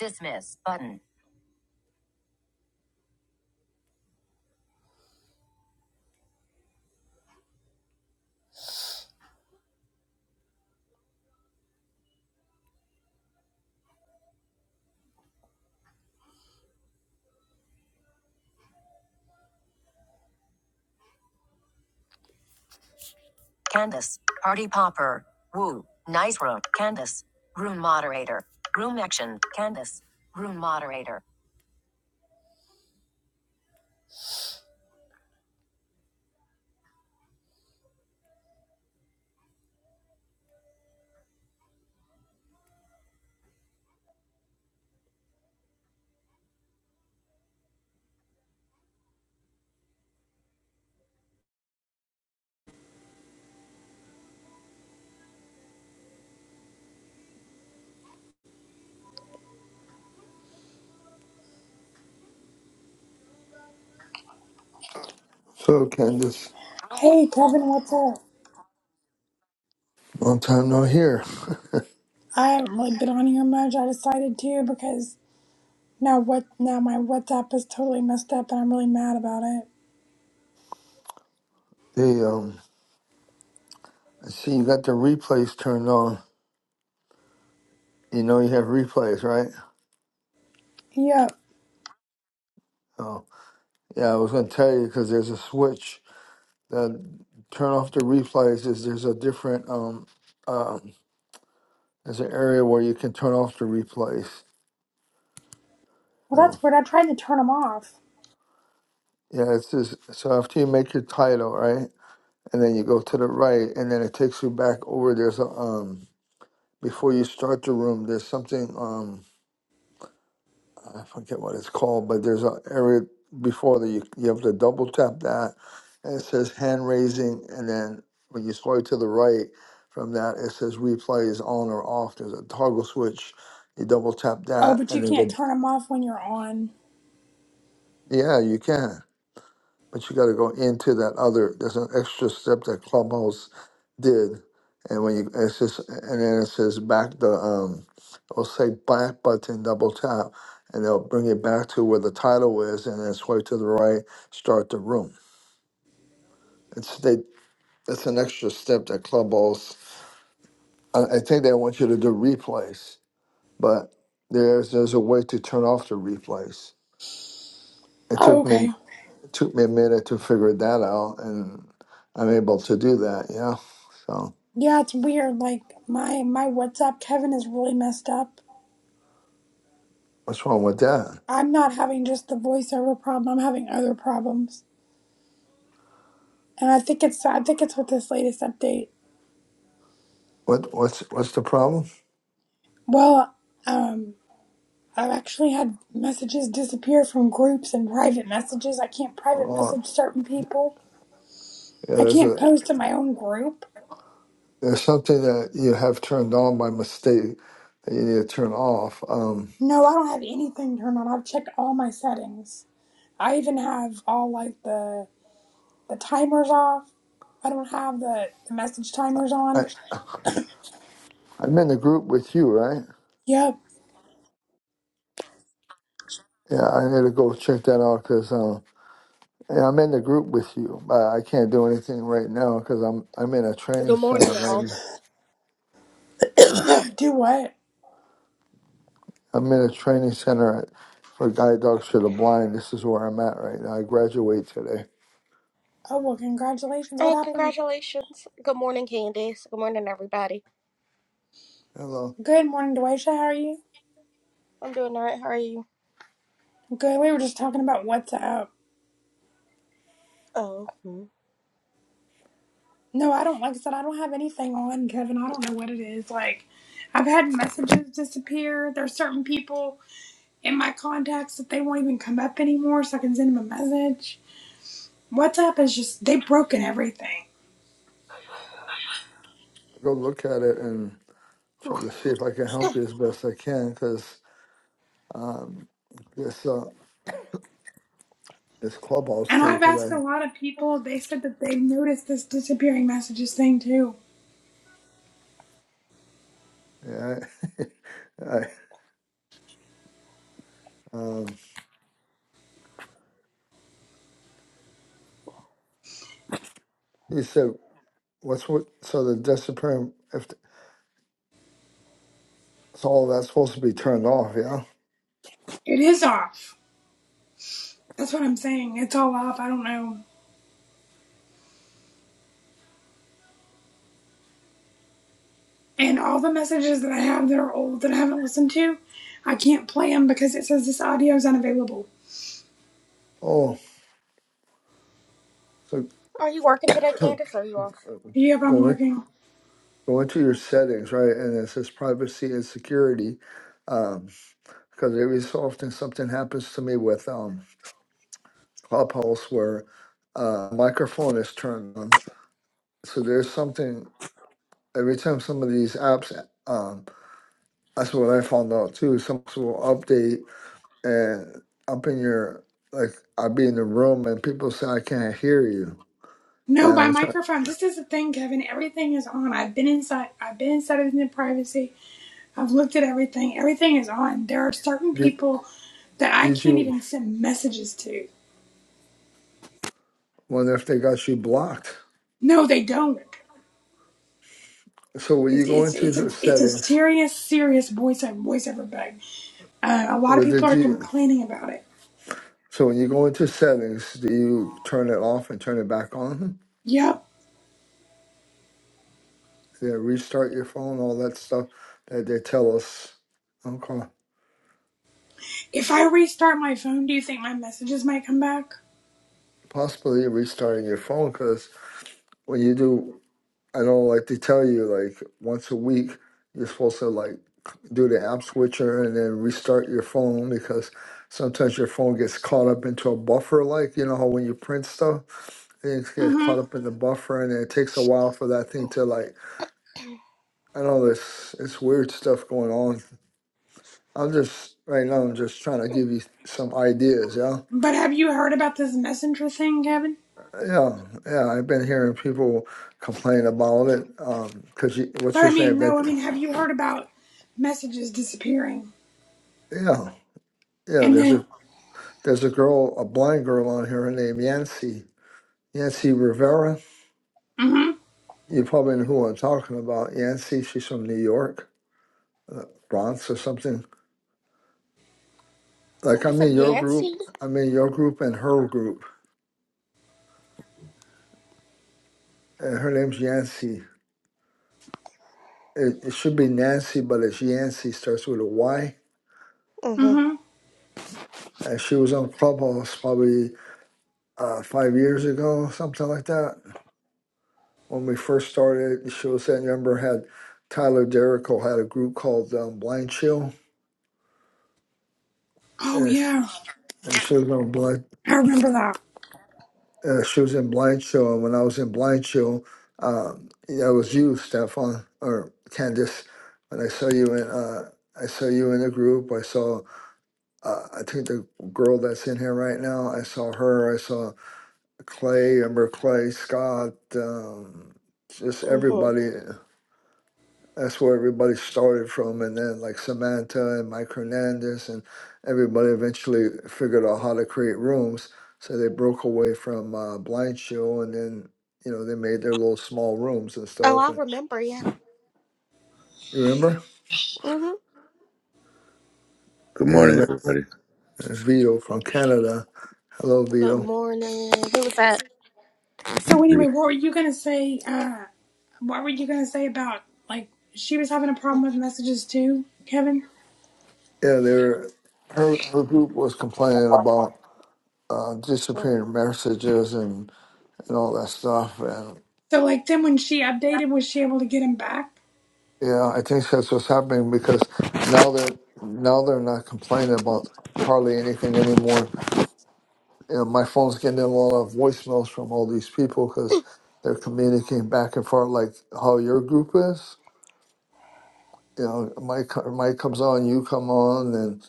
Dismiss button. Candace. Party popper. Woo. Nice room. Candace. Room moderator. Room action. Candace. Room moderator. So Candace, Hey Kevin, what's up? long time no hear. I haven't really been on here much. I decided to because now what now my WhatsApp is totally messed up and I'm really mad about it. They um, I see you got the replays turned on. You know you have replays, right? Yep. Oh, yeah. I was gonna tell you because there's a switch that turn off the replays. Is there's a different um, um, there's an area where you can turn off the replays. Well So that's weird. I tried to turn them off. yeah, it's just so after you make your title, right, and then you go to the right, and then it takes you back over. There's a um, before you start the room, there's something um. I forget what it's called, but there's an area before that you, you have to double tap that, and it says hand raising, and then when you swipe to the right from that, it says replay is on or off. There's a toggle switch. You double tap Oh, that, but you and then go. can't turn them off when you're on. Yeah, you can. but you got to go into that other. There's an extra step that Clubhouse did, and when you it's just and then it says back the um, it'll say back button, double tap, and they'll bring it back to where the title is, and then swipe to the right, start the room. It's they. It's an extra step that Clubhouse. I, I think they want you to do replays, but there's there's a way to turn off the replays. It Oh, took okay. me. took me a minute to figure that out, and I'm able to do that. Yeah. So Yeah, it's weird. Like my my WhatsApp Kevin is really messed up what's wrong with that? I'm not having just the voiceover problem. I'm having other problems, and I think it's I think it's with this latest update. What what's what's the problem? Well, um, I've actually had messages disappear from groups and private messages. I can't private Oh, message certain people. yeah. I There's can't a post in my own group. there's something that you have turned on by mistake that you need to turn off. Um, No, I don't have anything turned on. I've checked all my settings. I even have all like the the timers off. I don't have the, the message timers I on. I'm in the group with you, right? Yep. Yeah. I need to go check that out because um. Yeah, I'm in the group with you, but I can't do anything right now because I'm I'm in a training Good morning, center you right all. now. Do what? I'm in a training center at, for guide dogs for the blind. This is where I'm at right now. I graduate today. Oh well, congratulations. What Oh, happened? congratulations. Good morning, Candace. Good morning, everybody. Hello. Good morning, Dwaysha. How are you? I'm doing all right. How are you? Good. We were just talking about WhatsApp. Oh, mhm. No, I don't. Like I said, I don't have anything on Kevin. I don't know what it is. Like, I've had messages disappear. There's certain people in my contacts that they won't even come up anymore, so I can send them a message. WhatsApp is just they've broken everything. I go look at it and try to see if I can help you as best I can because um, this uh, this clubhouse And thing. I've Because asked a I, lot of people. They said that they've noticed this disappearing messages thing too. yeah, I, I um, you said what's what? So the discipline if so, all that's supposed to be turned off. Yeah. It is off. That's what I'm saying. It's all off. I don't know. And all the messages that I have that are old that I haven't listened to, I can't play them because it says this audio is unavailable. Oh, so are you working today, Candace? Or are you off? Yep, I'm go in, working. go into your Mhm. settings right, and it says privacy and security. Um, because every so often something happens to me with um Clubhouse where uh microphone is turned on. So there's something every time some of these apps um that's what I found out too. Some apps will update and up in your like I'll be in the room and people say I can't hear you. And No, by I'm trying microphone. This is the thing, Kevin. Everything is on. I've been inside. I've been inside of the privacy. I've looked at everything. Everything is on. There are certain did people that I did can't you even send messages to. wonder if they got you blocked? No, they don't. So when you It's go it's into it's a the it's a settings, serious serious voice voiceover bug. Uh, a lot of what people did are you complaining about it. so when you go into settings, do you turn it off and turn it back on? Yep, yeah, restart your phone, all that stuff that they tell us. Okay. If I restart my phone, do you think my messages might come back? Possibly restarting your phone because when you do, I know like they tell you like once a week, you're supposed to like do the app switcher and then restart your phone because sometimes your phone gets caught up into a buffer, like you know how when you print stuff, things get Mm-hmm. caught up in the buffer and it takes a while for that thing to like I know this it's weird stuff going on. I'm just right now I'm just trying to give you some ideas, yeah. But have you heard about this messenger thing, Kevin? Yeah, yeah, I've been hearing people complain about it. Um, 'cause you, what's But her I name? mean, no, I mean, That have you heard about messages disappearing? yeah, yeah. And There's then, a there's a girl, a blind girl on here. Her name Yancy Yancy Rivera. mm-hmm, You probably know who I'm talking about. Yancy, she's from New York, uh, Bronx or something. Like You I'm said in your group. Yancy? I'm in your group and her group, and her name's Yancy. It, it should be Nancy, but it's Yancy. Starts with a Y. Mm-hmm. mm-hmm. And she was on Clubhouse probably uh, five years ago, something like that when we first started the show, San Remember had Tyler Derrico had a group called um, Blind Chill, Oh, and, yeah, and she was on blind. I remember that. Uh, she was in Blind Chill, and when I was in Blind Chill, um, yeah, it was you, Stefan or Candice. When I saw you in, uh, I saw you in the group. I saw, uh, I think the girl that's in here right now. I saw her. I saw Clay. I remember Clay Scott. Um, just Mm-hmm. everybody. that's where everybody started from and then like samantha and mike hernandez and everybody eventually figured out how to create rooms so they broke away from uh, blind show and then you know they made their little small rooms and Oh, stuff I and remember you. you remember Mm-hmm. Good yeah, morning, but- everybody. uh, vito from canada hello Good vito morning. Who was that? So anyway, what were you gonna say, uh, what were you gonna say about, like, she was having a problem with messages too, Kevin? yeah they were her, her group was complaining about uh, Mm. disappearing messages and, and all that stuff So, like, then when she updated, was she able to get him back? Yeah, I think that's what's happening because now they're now they're not complaining about hardly anything anymore. You know, my phone's getting a lot of voicemails from all these people because they're communicating back and forth like how your group is. You know, my co- my comes on, you come on, and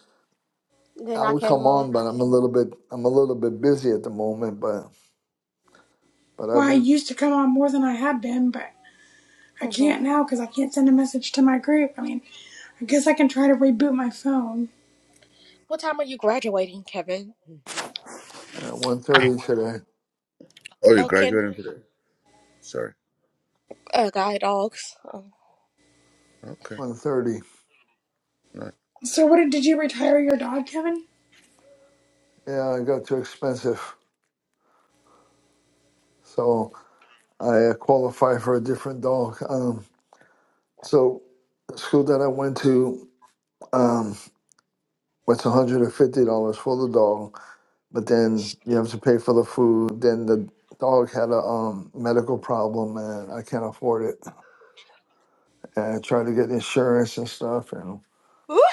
Then I I would came come on. on, but I'm a little bit I'm a little bit busy at the moment. But but I've Well, I been used to come on more than I had been, but I Mm-hmm. can't now because I can't send a message to my group. I mean, I guess I can try to reboot my phone. What time are you graduating, Kevin? Mm. at one thirty today, Oh, you're Oh, Ken. graduating today? Sorry. Uh, guide dogs. Oh. Okay. one thirty. Nice. So what did you retire your dog, Kevin? Yeah, it got too expensive, so I uh, qualify for a different dog. Um, So the school that I went to, um, was $150 for the dog, but then you have to pay for the food. Then the dog had a um, medical problem and I can't afford it. And I tried to get insurance and stuff and, Ooh.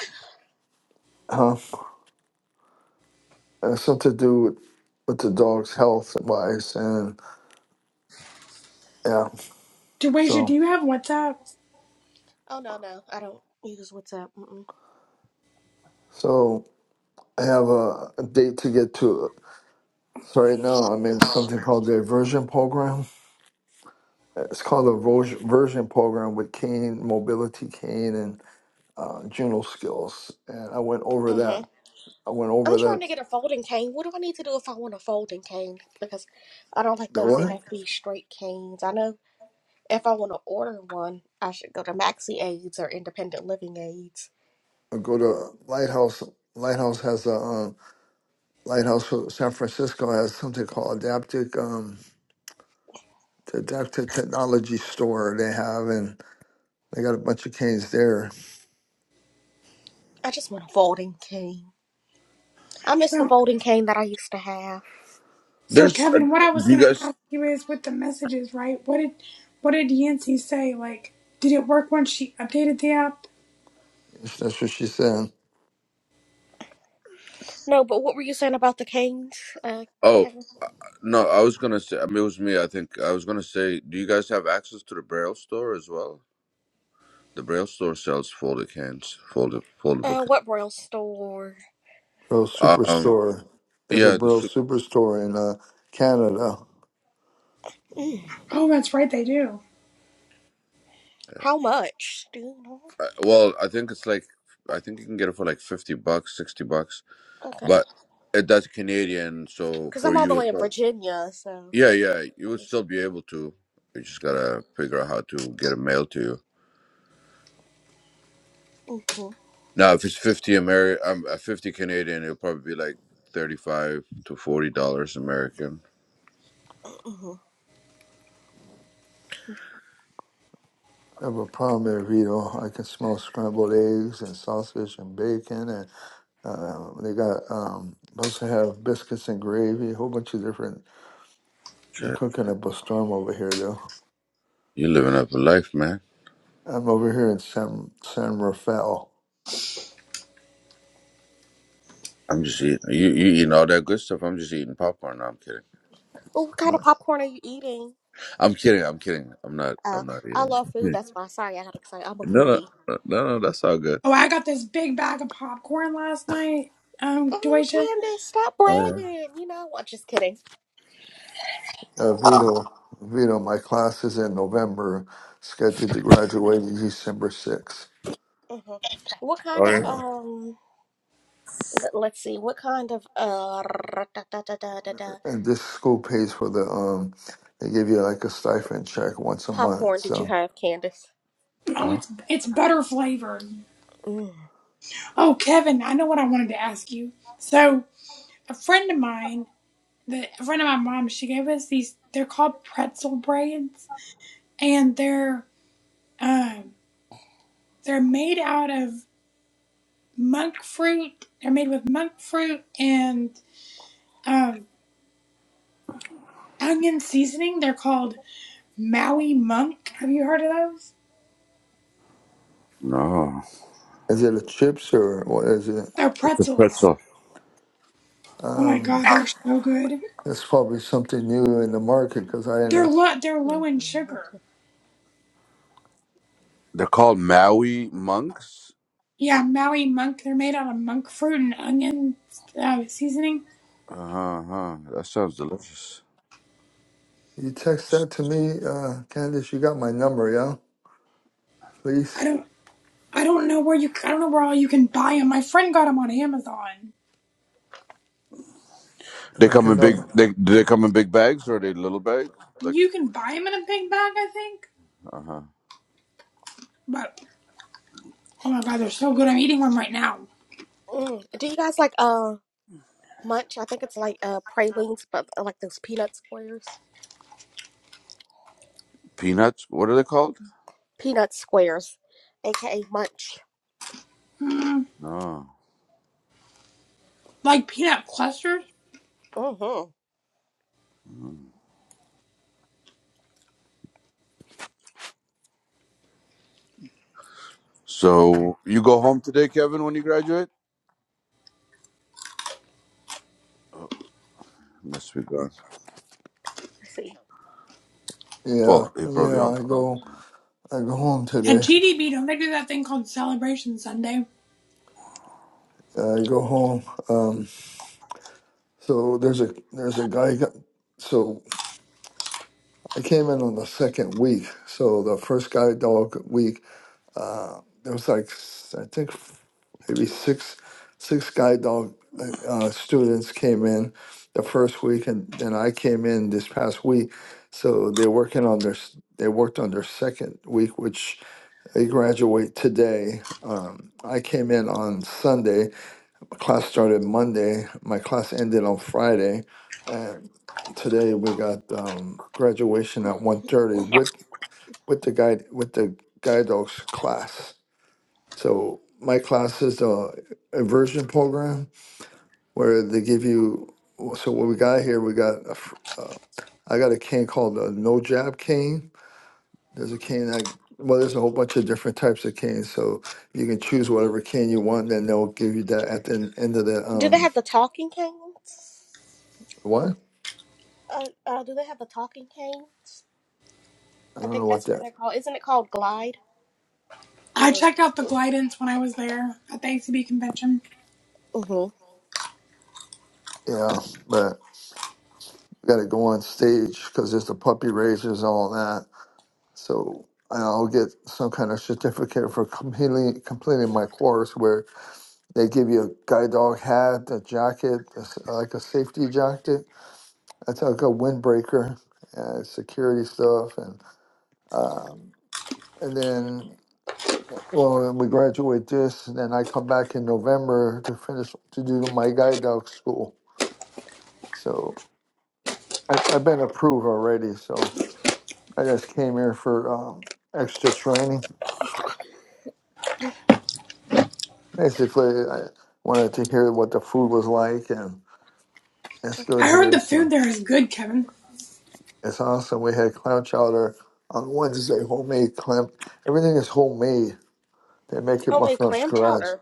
huh, and it's something to do with, with the dog's health wise. And yeah, Deweja, do so, you have WhatsApp? Oh, no, no. I don't use WhatsApp. Mm-mm. so I have a, a date to get to. So right now I'm in something called the aversion program It's called a Vos- version program with Kane, Mobility Kane, and uh, Juno Skills. And I went over Mm-hmm. that. I went I'm over trying that. to get a folding cane. What do I need to do if I want a folding cane? Because I don't like The those what? NFB straight canes. I know if I want to order one, I should go to Maxi Aids or Independent Living Aids. I go to Lighthouse. Lighthouse has a um, Lighthouse for San Francisco has something called Adaptive um, the Adaptive Technology Store. They have and they got a bunch of canes there. I just want a folding cane. I miss the So folding cane that I used to have. so There's. uh, Kevin, what I was Do you gonna guys? ask you is with the messages, right? What did what did Yancy say? Like, did it work once she updated the app? That's what she said. No, but what were you saying about the canes, uh, Oh Kevin? no, I was gonna say. I mean, it was me. I think I was gonna say. Do you guys have access to the Braille store as well? The Braille store sells folded cans, folded foldable Uh, what Braille store? Bro cans. Um. Superstore. There's a Yeah. The Bro soup. Superstore in uh, Canada. Mm, Oh, that's right, they do. how much? Do you know? uh, Well, I think it's like. I think you can get it for like fifty bucks, sixty bucks, Okay. but it that's Canadian. So Because I'm for all the you, it's way in probably, Virginia, so. yeah, yeah, you would still be able to. You just gotta figure out how to get it mailed to you. Mm-hmm, Now, if it's fifty Ameri- um, uh, fifty Canadian, it'll probably be like thirty-five to forty dollars American. mm-hmm. I have a problem if you know I can smell scrambled eggs and sausage and bacon and uh, they got um supposed to have biscuits and gravy, a whole bunch of different they're Shit, cooking up a storm over here though. you living up a life, man. I'm over here in San San Rafael. I'm just eating. You you eating all that good stuff. I'm just eating popcorn. No, I'm kidding. Well, what kind Uh, of popcorn are you eating? I'm kidding. I'm kidding. I'm not. Oh, I'm not I eating. love food. That's why. Sorry, I got excited. I'm a No, no, foodie. no, no. That's all good. Oh, I got this big bag of popcorn last night. Um, Oh, Deweja. Candace, stop Oh yeah. bragging. You know what? Just kidding. uh, Vito Vito, my class is in November, scheduled to graduate December sixth. hmm What kind Oh of yeah. So um? let- Let's see. What kind of uh da, da, da, da, da, da, and this school pays for the um they give you like a stipend check once a month. popcorn did you So have, Candace? Oh, Oh, it's it's butter flavored. Mm. Oh, Kevin, I know what I wanted to ask you. So a friend of mine the a friend of my mom, she gave us these. They're called pretzel braids, and they're um, they're made out of monk fruit. They're made with monk fruit and um, onion seasoning. They're called Maui Monk. Have you heard of those? no, is it a chips or what is it? They're it's a pretzels. pretzel. Oh my Um, god, they're so good. That's probably something new in the market because I didn't They're know. low. They're low Mm. in sugar. They're called Maui monks. Yeah, Maui Monk. They're made out of monk fruit and onion uh, seasoning. Uh huh. That sounds delicious. You text that to me, uh, Candace. You got my number, yeah? I Please, don't. I don't know where you. I don't know where all you can buy them. My friend got them on Amazon. if They I come can in big. know. They do they come in big bags or are they little bags? Like You can buy them in a big bag, I think. uh huh. But oh my god, they're so good! I'm eating one right now. Mm. Do you guys like uh munch? I think it's like uh pralines, but uh, like those peanut squares. Peanuts? What are they called? Peanut squares, aka munch. Mm, No. like peanut clusters Mm-hmm. Mm. So you go home today, Kevin, when you graduate? Oh, must be gone. Let's see. Well, Yeah, he yeah. probably on I pause. go, I go home at today. GDB. Don't they do that thing called Celebration Sunday? I go home. Um, so there's a there's a guy. Got, so I came in on the second week. So the first guide dog week uh, there was like s- I think f- maybe six six guide dog uh, uh, students came in the first week, and then I came in this past week. So they're working on their s- they worked on their second week, which they graduate today. Um, I came in on Sunday. My class started Monday. My class ended on Friday, and today we got um, graduation at one thirty with with the guide with the guide dogs class so my class is a immersion program where they give you. So what we got here, we got a, fr- uh, I got a cane called a no jab cane. There's a cane that well, there's a whole bunch of different types of canes, so you can choose whatever cane you want. Then they'll give you that at the en- end of the Do they um have the talking canes? what? Uh, uh, do they have the talking canes? I I don't think know what that's what that. they're called. Isn't it called Glide I or checked out the Glidance when I was there at the ACB convention. mm-hmm. Yeah, but you got to go on stage because there's the puppy raises and all that. So and I'll get some kind of certificate for completing completing my course where They give you a guide dog hat, a jacket, a s uh, like a safety jacket. That's like a windbreaker, uh, security stuff, and um, and then well, we graduate this, and then I come back in November to finish to do my guide dog school. So I, I've been approved already. So I just came here for um, extra training. Basically, I wanted to hear what the food was like, and it's good I heard here. the food So. there is good, Kevin. It's awesome. We had clam chowder on Wednesday, homemade clam. Everything is homemade. They make it homemade from clam scratch. chowder?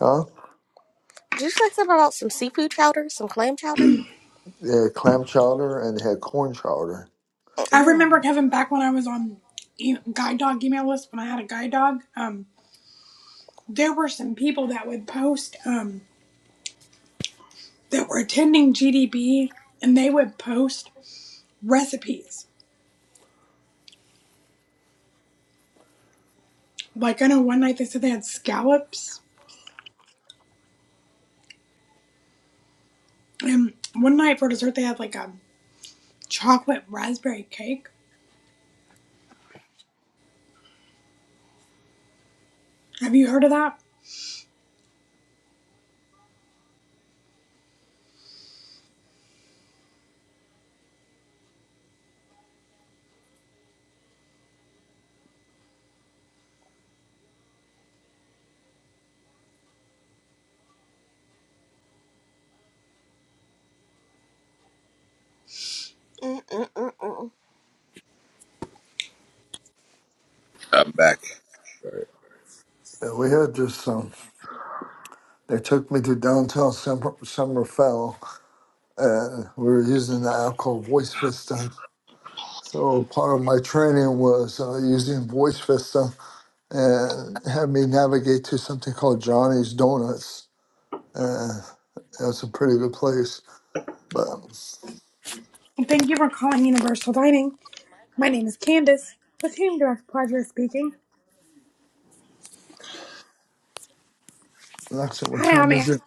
Huh? Did you say something about some seafood chowder, some clam chowder? They had clam chowder and they had corn chowder. I Mm-mm. remember Kevin back when I was on e- guide dog email list when I had a guide dog. Um, there were some people that would post um, that were attending GDB, and they would post recipes Like I know one night they said they had scallops, and one night for dessert they had like a chocolate raspberry cake. Have you heard of that? Mm-mm-mm-mm. I'm back. And we had just some. They took me to downtown Sem- Summerfell and we were using the app called Voice Vista. So part of my training was uh, using Voice Vista and had me navigate to something called Johnny's Donuts. And it was a pretty good place. But And Thank you for calling Universal Dining. My name is Candace. With whom do I have the pleasure of speaking? Alexa, what Hi, time I'm Ann. is it?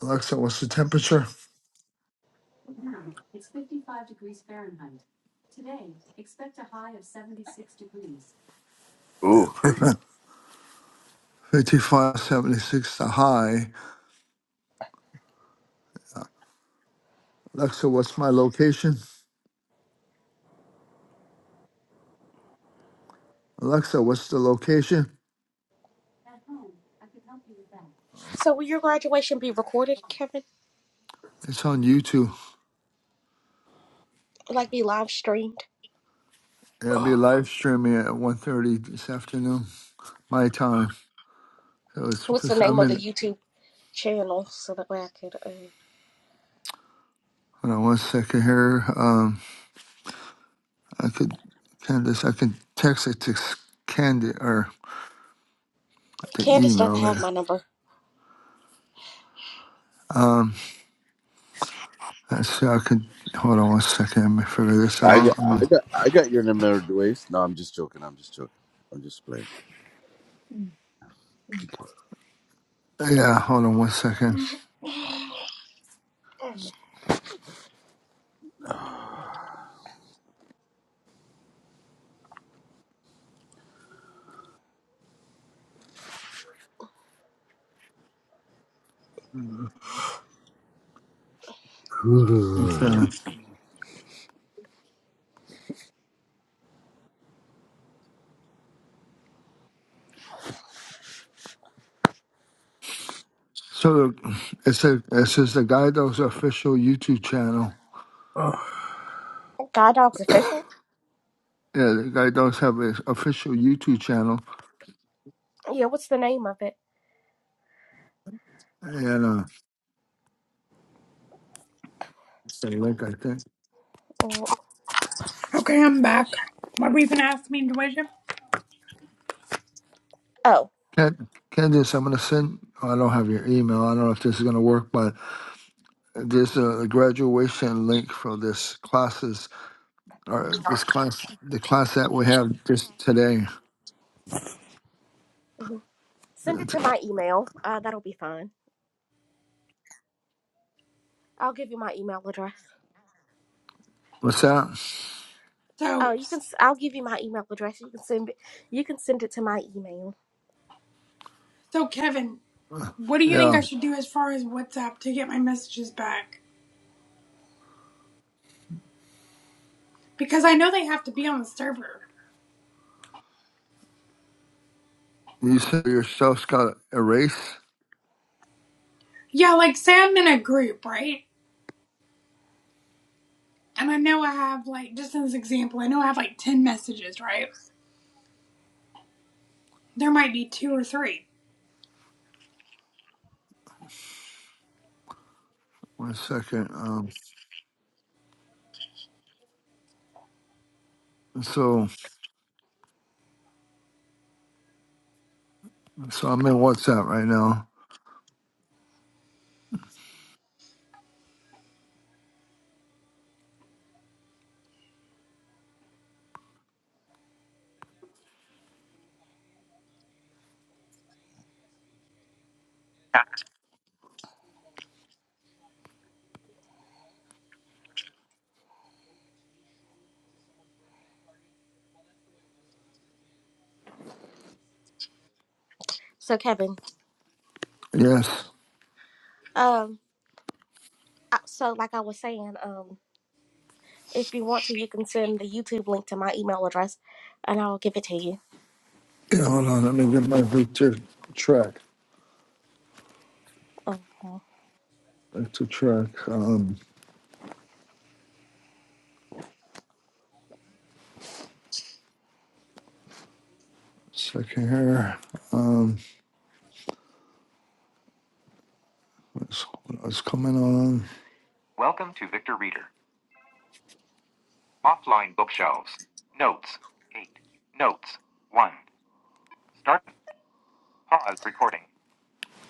Alexa, what's the temperature? Ooh. 5576, the high. Alexa, what's my location? Alexa, what's the location? Oh, So will your graduation be recorded, Kevin? It's on YouTube. Like be live streamed? It'll be Oh. live streaming at one thirty this afternoon, my time. So it's, What's the name I'm of the in, YouTube channel so that way I could? Uh... hold on one second here. Um, I could, Candace, I can text it to Candy or the Candace doesn't email have it. my number. Um, let's see, I could, hold on one second, let me figure this I got, out. I Um, got, I got your number waist. No, I'm just joking. I'm just joking. I'm just playing. Okay. yeah, hold on one second. Okay. So it says it says the Guide Dogs official YouTube channel. Oh. God Dogs Official? Yeah, the Guide Dogs have an official YouTube channel, Yeah. What's the name of it? and uh, the link I think. Mm, Okay, I'm back. My reason asked me to wait. Oh, Ken, Candice, I'm gonna send. I don't have your email. I don't know if this is gonna work, but there's a graduation link for this classes or this class, the class that we have just today. send it to It's- my email. Uh, that'll be fine. I'll give you my email address. What's that? Oh, So, you can. s- I'll give you my email address. You can send. it- You can send it to my email. so Kevin, what do you think Yeah, I should do as far as WhatsApp to get my messages back? Because I know they have to be on the server. you said yourself's got erase. Yeah, like say I'm in a group, right? and I know I have like just as an example, I know I have like ten messages, right? There might be two or three. One second. Um, so so I'm in WhatsApp right now. So Kevin, Yes. um, I- so like I was saying, um, if you want to, you can send the YouTube link to my email address, and I'll give it to you. Yeah, hold on. Let me get my Victor track. Oh, oh. Victor track. Um, second here. Um, what's, what's coming on?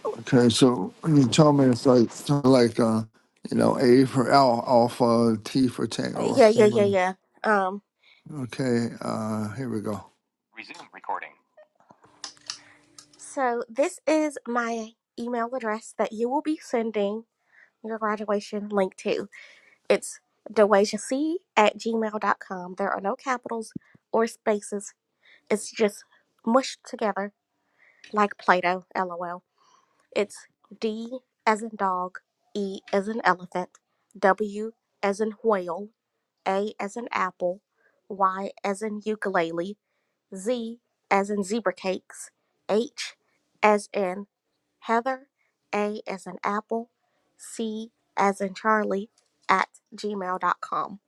Okay, so when you tell me it's like something like uh, you know, A for al- alpha, T for tango. or yeah, yeah, yeah, something. yeah. Um, Okay. Uh, here we go. so this is my email address that you will be sending your graduation link to. It's C at gmail dot com. There are no capitals or spaces. It's just mushed together like Play-Doh, lol. It's D as in dog, E as in elephant, W as in whale, A as in apple, Y as in ukulele, Z as in zebra cakes, H as in heather, A as in apple, C as in Charlie at gmail dot com.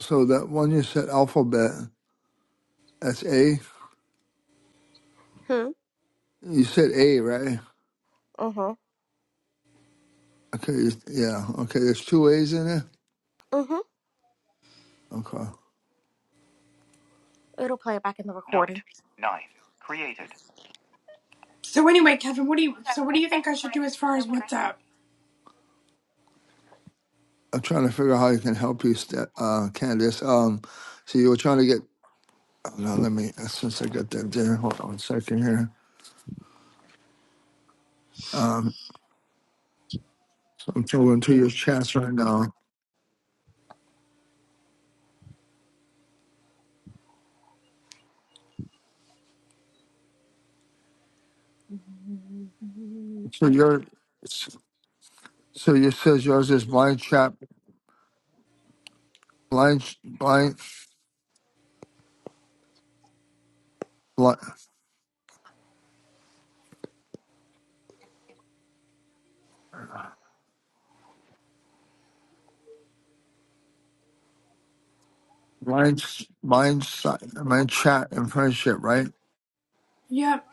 So that one you said alphabet. That's A. Hmm. You said A, right? Mm-hmm. Okay. you- Yeah. Okay. There's two A's in it. Mm-hmm. Okay. It'll play it back in the recording. So anyway, Kevin, what do you so what do you think I should do as far as WhatsApp? I'm trying to figure out how I can help you, Sta- uh, Candace. Um, so you were trying to get. Hold on, let me. uh, Since I got that there, hold on a second here. Um, so I'm going to your chats right now. Mm-hmm. So your, so you says yours is blind chat, blind, blind, blind, blind, blind, si- blind chat and friendship, right? Yep.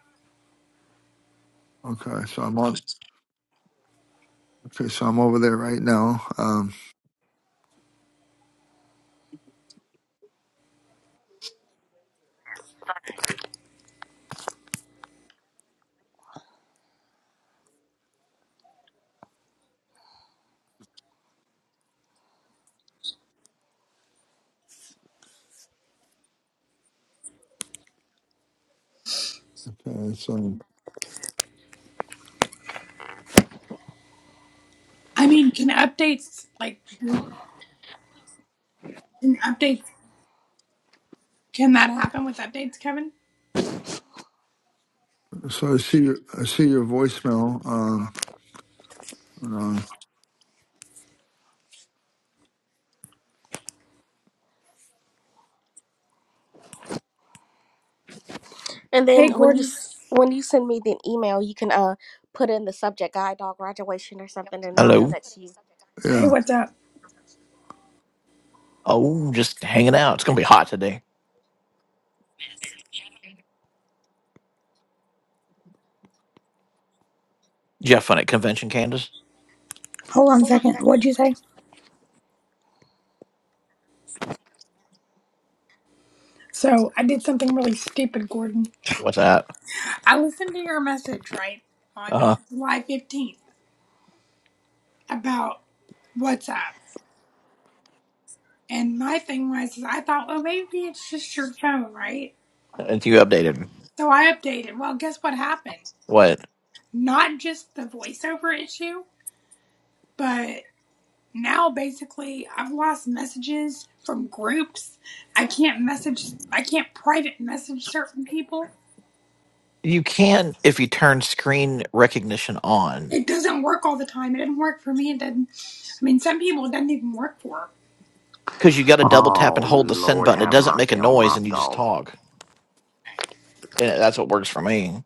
Okay, so I'm on. Okay, so I'm over there right now. Um, okay, so I mean, can updates like can updates can that happen with updates, Kevin? so I see your, I see your voicemail. Um, hold on. And Hey then when you Gordon. s- when you send me the email, you can uh put in the subject guide dog graduation or something, and I'll know Hello. that's you. Yeah. Hey, what's up? Oh, just hanging out. It's gonna be hot today. Did you have fun at convention, Candace? Hold on a second. What'd you say? So I did something really stupid, Gordon. What's that? I listened to your message, right, Uh on huh. July fifteenth about WhatsApp. And my thing was is I thought, well maybe it's just your phone, right? And you updated So I updated. Well, guess what happened? what? Not just the voiceover issue, but now basically I've lost messages from groups. I can't message, I can't private message certain people. You can if you turn screen recognition on, It doesn't work all the time. It didn't work for me. It didn't, I mean, some people it doesn't even work for. because you got to double tap and Oh, hold the send Lord, button. It have doesn't make a mercy on noise, my and you just soul. talk. And that's what works for me.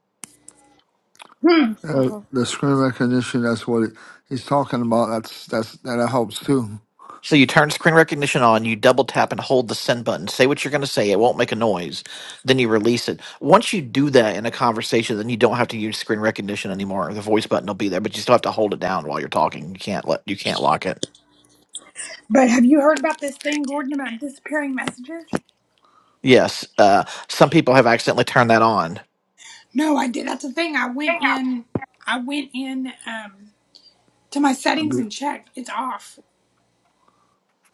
Hmm. Uh, Mhm. the screen recognition, that's what it, he's talking about. That's that's that helps too. So you turn screen recognition on, you double tap and hold the send button. Say what you're going to say. It won't make a noise. Then you release it. Once you do that in a conversation, then you don't have to use screen recognition anymore. The voice button will be there, but you still have to hold it down while you're talking. You can't let you can't lock it. But have you heard about this thing, Gordon, about disappearing messages? Yes, uh, some people have accidentally turned that on. No, I did. That's the thing. I went in, I went in um, to my I settings mean, and checked. It's off.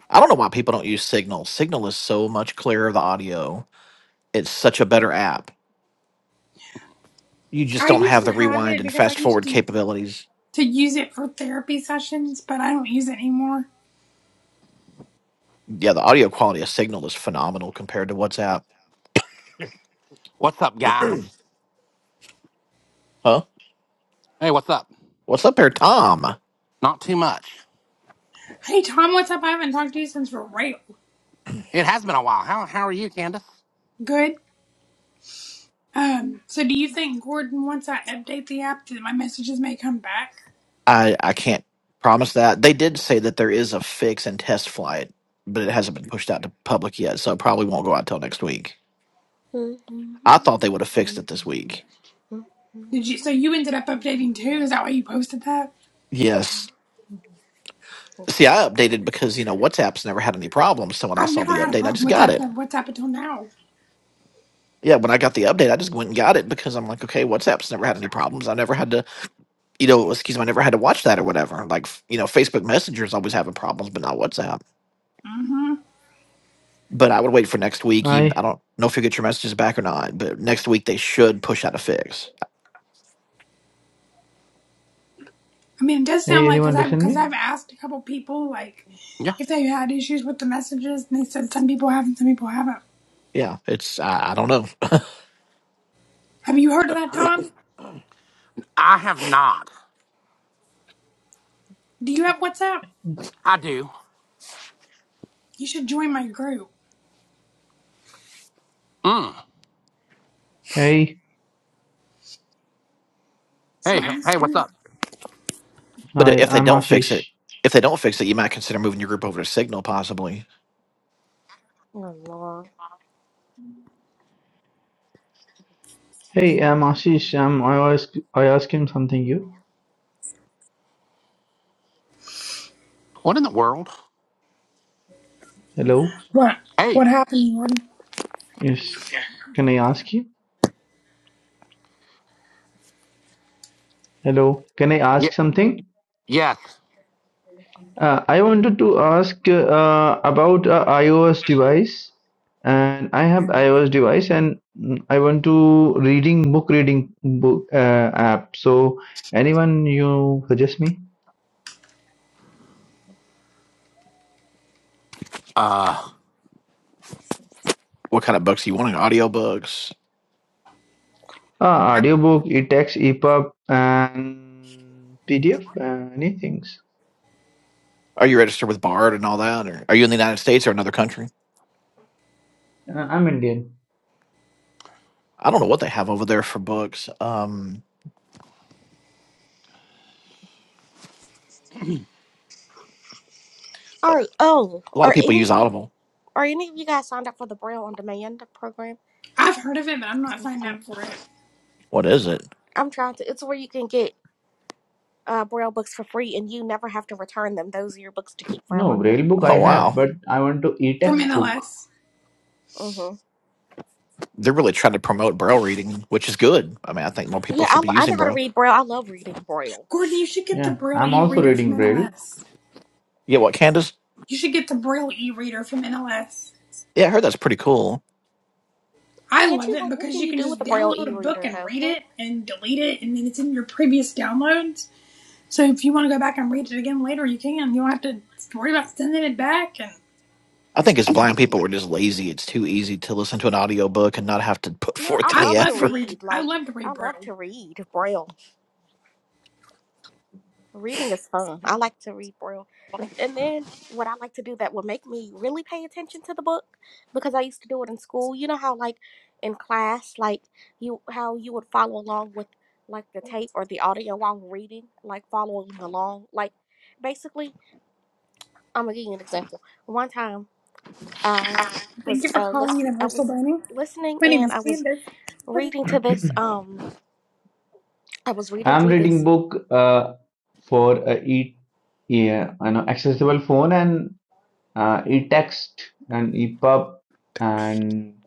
I don't know why people don't use Signal. Signal is so much clearer the audio. It's such a better app. You just I don't used have to the have rewind it and because I fast used forward to capabilities. to use it for therapy sessions, but I don't use it anymore. Yeah, the audio quality of Signal is phenomenal compared to WhatsApp. What's up, guys? Huh? Hey, what's up? What's up here, Tom? Not too much. Hey Tom, what's up? I haven't talked to you since we're real It has been a while. How, how are you, Candace? Good. Um, so do you think Gordon, once I update the app, that my messages may come back? I I can't promise that. They did say that there is a fix and test flight, but it hasn't been pushed out to public yet, so it probably won't go out till next week. I thought they would have fixed it this week. Did you? So you ended up updating too? Is that why you posted that? Yes. See, I updated because, you know, WhatsApp's never had any problems, so when I I've saw the never had a update, I problem just with got that. it. that what's until now? Yeah, when I got the update, I just went and got it because I'm like, okay, WhatsApp's never had any problems. I never had to, you know, excuse me, I never had to watch that or whatever. Like, f- you know, Facebook Messenger's always having problems, but not WhatsApp. Mm-hmm. but I would wait for next week. You, Hi, I don't know if you'll get your messages back or not, but next week they should push out a fix. I mean, it does sound hey, like because anyone I have listen because me? I've asked a couple people like Yeah, if they had issues with the messages, and they said some people have and some people haven't. Yeah, it's I, I don't know, Have you heard of that, Tom? I have not. Do you have WhatsApp? I do. You should join my group. Mm. Hey, Hey, hey, what's up? but i- hi, if they I'm don't fix Ashish. it, if they don't fix it, you might consider moving your group over to Signal possibly. Oh Lord. Hey, I'm Ashish. Um, I ask, I ask him something. You, What in the world? hello? What Hey, what happened, Gordon? Yes, can I ask you? Hello, can I y- ask something? yes. Uh, I wanted to ask uh, about a iOS device, and I have iOS device, and mm, I want to reading book reading book uh, app. So, anyone you suggest me? Uh, What kind of books do you want? Audio books? Ah, audiobook, e-text, EPUB, and PDF, uh, any things. Are you registered with Bard and all that, or are you in the United States or another country? Uh, I'm Indian. I don't know what they have over there for books. Um, All right. Oh, a lot of are people any use of you Audible. are any of you guys signed up for the Braille on Demand program? I've heard of it, but I'm not signed Or- up for it. What is it? I'm trying to. It's where you can get uh Braille books for free, and you never have to return them. Those are your books to keep No, forever. Braille book I Oh have, wow, but I want to From e-text book. NLS. hmm they're really trying to promote Braille reading, which is good. I mean, I think more people Yeah, should I, be I using know how to Braille. read Braille. I love reading Braille. Gordon, you should get the Yeah, Braille I'm e also reader from reading Braille. NLS. Yeah, what Candace? You should get the Braille e reader from NLS. Yeah, I heard that's pretty cool. I Can't love you it like what because can you you can do with just a braille download a book e-reader and though? read Can't it and delete it, and then it's in your previous downloads. So if you want to go back and read it again later, you can. You don't have to worry about sending it back. And I think as blind people, we're just lazy. It's too easy to listen to an audiobook and not have to put no, I forth I any love love to to read. effort. read. I Like love to I read love Braille. to read braille. Reading is fun. I like to read braille. And then what I like to do that will make me really pay attention to the book because I used to do it in school. You know how like in class, like you how you would follow along with like the tape or the audio while reading, like following along. Like basically, I'm gonna give you an example. One time I Thank was you for uh calling listen I Universal was Learning. listening My name and is I was Candace. What reading to this um i was reading I'm through reading this book uh, for uh, e, yeah, you know, accessible phone and uh, e-text and EPUB and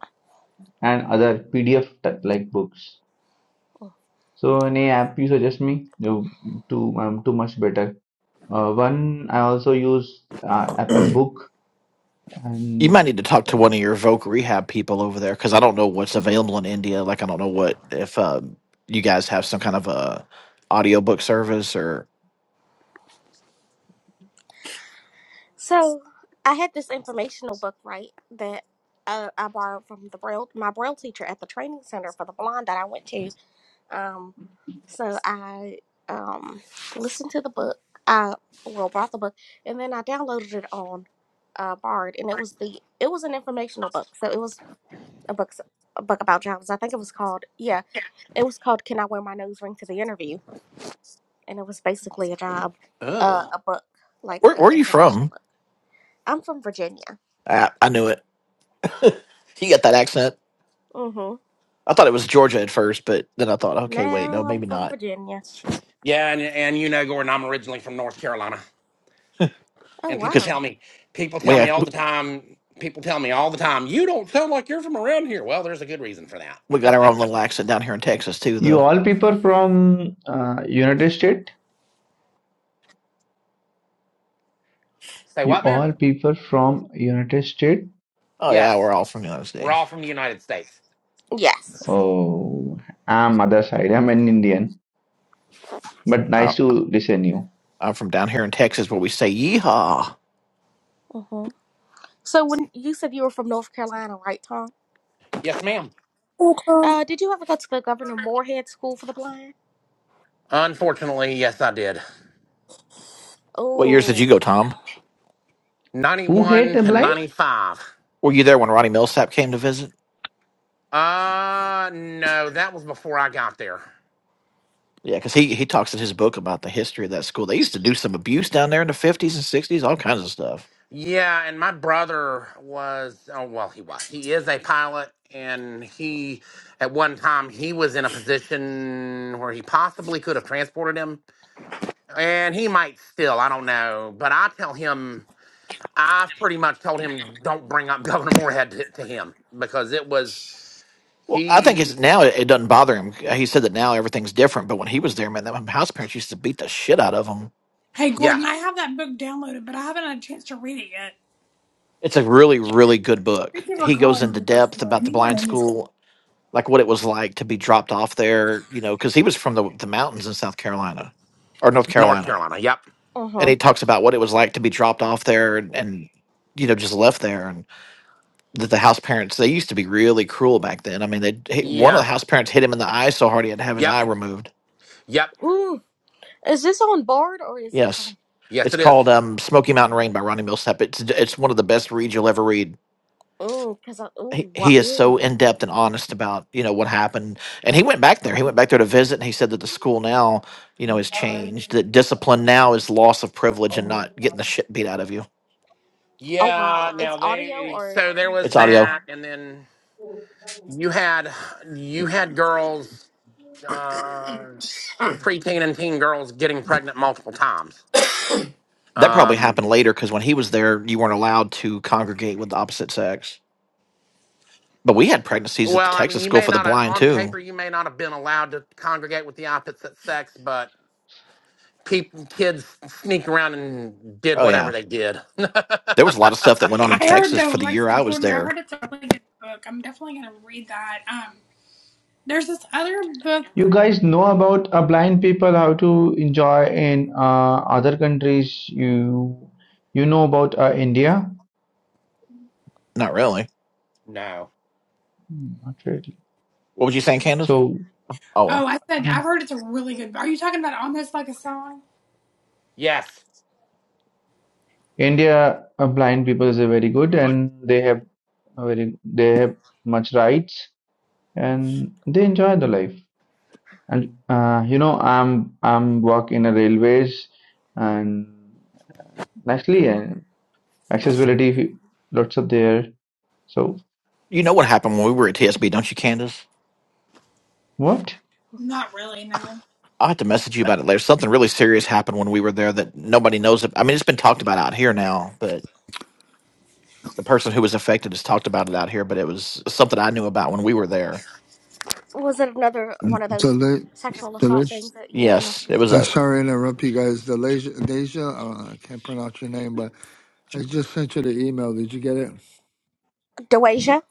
and other PDF like books. So any app you suggest me? No, too, I'm too much better. Uh, one I also use uh, Apple Book. You might And need to talk to one of your Voc Rehab people over there because I don't know what's hmm available in India. Like, I don't know what if um, you guys have some kind of a audiobook service or so i had this informational book right that uh, i borrowed from the braille my braille teacher at the training center for the blind that i went to um so i um listened to the book i well bought the book and then i downloaded it on uh bard and it was the it was an informational book so it was a book a book about jobs i think it was called yeah it was called can i wear my nose ring to the interview and it was basically a job, uh, ugh. a book, like where, an where are you information from? book. I'm from Virginia. I, I knew it. You got that accent. hmm I thought it was Georgia at first, but then I thought, okay, wait, no, Now I'm maybe from not Virginia. Yeah, and, and you know, Gordon, I'm originally from North Carolina. Oh And people because wow. tell me, people tell we me all the time, people tell me all the time, you don't sound like you're from around here. Well, there's a good reason for we got our own that. little accent down here in Texas too, you though. all people from uh, United States? Say You what, man? all people from United States? Oh yeah, Yes. we're all from the United We're all States. from the United States. Yes. Oh, I'm other side. I'm an Indian. But nice to listen you. I'm from down here in Texas where we say yeehaw. hmm So when you said you were from North Carolina, right, Tom? Yes, ma'am. utah Uh, did you ever go to the Governor Moorhead School for the Blind? Unfortunately, yes, I did. What years did you Oh. go, Tom? Who hate 91 the to blind? 95. Were you there when Ronnie Millsap came to visit? Uh, no, that was before I got there. Yeah, because he, he talks in his book about the history of that school. They used to do some abuse down there in the 50s and 60s, all kinds of stuff. Yeah, and my brother was, oh, well, he was. He is a pilot, and he, at one time, he was in a position where he possibly could have transported him, and he might still, I don't know. But I tell him, I've pretty much told him, don't bring up Governor Moorhead to, to him because it was, Well, I think he, it's now it, it doesn't bother him. He said that now everything's different, but when he was there, man, that house parents used to beat the shit out of him. Hey, yeah, Gordon, I have that book downloaded, but I haven't had a chance to read it yet. It's a really, really good book. Thank you for He goes calling into me, first depth about the my blind name is. school, like what it was like to be dropped off there, you know, because he was from the, the mountains in South Carolina or North North Carolina Carolina. Yep. Uh and huh. he talks about what it was like to be dropped off there and, and you know just left there and that the house parents they used to be really cruel back then i mean they hit- one of the Yeah. house parents hit him in the eye so hard he had to have his Yep. eye removed Yep. Ooh. Is this on board or is this yes on? Yes, it's it called is. um, smoky mountain rain by ronnie millsap it's it's one of the best reads you'll ever read Mm, cause I, he, ooh, wow, he is ooh. so in-depth and honest about you know what happened and he went back there he went back there to visit and he said that the school now you know has changed that discipline now is loss of privilege and not getting the shit beat out of you Oh Yeah. wow. It's Now audio they. or So there you was it's just gonna. audio that, and then you had you had girls, uh, preteen and teen girls getting pregnant multiple times. That probably happened Um. later because when he was there, you weren't allowed to congregate with the opposite sex. But we had pregnancies at the Well, I mean, Texas you School may for the not have, Blind on too. paper you may not have been allowed to congregate with the opposite sex, but people kids sneak around and did Oh whatever yeah, they did. there was a lot of stuff that went on in I heard Texas though, for the like year I I said, was Gordon, I there. heard it's a really good book. I'm definitely gonna read that. Um, there's this other book. You guys know about uh, blind people how to enjoy in uh, other countries. You you know about uh, India? Not really. no. Hmm, Not really. What was you saying, Candace? So. Oh well, Oh, I said uh, I've heard it's a really good. book. Are you talking about almost like a song? Yes. India uh, blind people is a very good and they have very they have much rights and they enjoy the life and uh, you know i'm i'm work in a railways and nicely and accessibility lots of there so you know what happened when we were at TSB, don't you, Candace? what Not really, no. I'll have to message you about it later. Something really serious happened when we were there that nobody knows. ab- I mean, it's been talked about out here now, but the person who was affected has talked about it out here. But it was something I knew about when we were there. Was it another one of the those la- sexual the la- assault things that you know enough? Yes, it people was stuff? I'm a sorry to interrupt you guys. The Deja, Deja uh, I can't pronounce your name, but I just sent you the email. Did you get it? Deweja.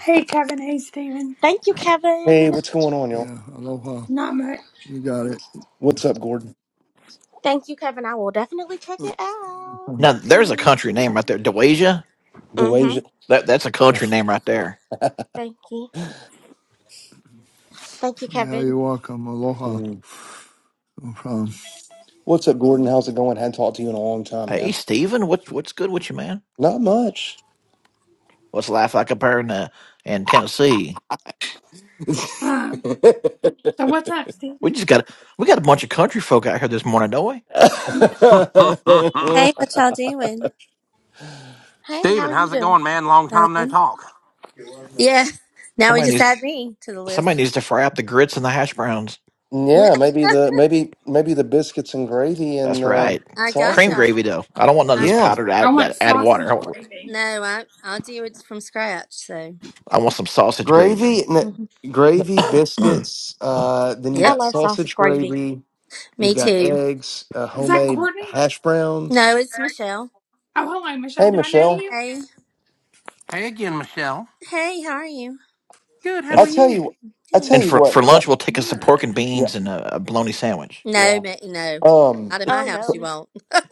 Hey, Kevin. Hey, Steven. Thank you, Hey, Kevin. what's going on, y'all? Yeah, aloha. Not much. You got it. What's up, Gordon? Thank you, Kevin. I will definitely check it out. Okay, now. Thank There's a you. country name right there, Dewasia. Mm-hmm. DeWasia. That that's a country name right there. Thank you. Thank you, Yeah, Kevin. you're welcome. Aloha. Mm. No problem. What's up, Gordon? How's it going? Hadn't talked to you in a long time, Hey man. Steven, what's what's good with you, man? Not much. What's life like up here in uh, in Tennessee? Um, so what's up, We Steven? just got we got a bunch of country folk out here this morning, don't we? Hey, yeah, what y'all doing? Hey, how Steven, are you how's it doing? going, man? Long time no Done? talk. Yeah. Now we Somebody just needs to, add me to the somebody list. needs to fry up the grits and the hash browns. maybe the maybe maybe the biscuits and gravy and That's uh, right. I got Cream sausage. gravy y'all. though. I don't want none of I this Yeah, powdered I add want that add water. I sausage want, gravy. no, I I'll do it from scratch. So. I want some sausage gravy. gravy, Mhm. n- gravy, and biscuits. Uh, then you I Yep. got love sausage sausage gravy. gravy. Me You've got too. eggs, uh, Is that homemade Courtney? hash No, browns. it's Michelle. Oh, hello, Michelle. Hey, Do I know Michelle. you? Hey. Hey again, Michelle. Hey, how are you? Good, how I are f- tell you? you, I Good. tell and you for what, for cra- lunch, we'll take us some pork Good. and yeah, beans and a, a bologna sandwich. No, yeah. ma- no. Um, Out of my Oh cr- no. house, you no. won't.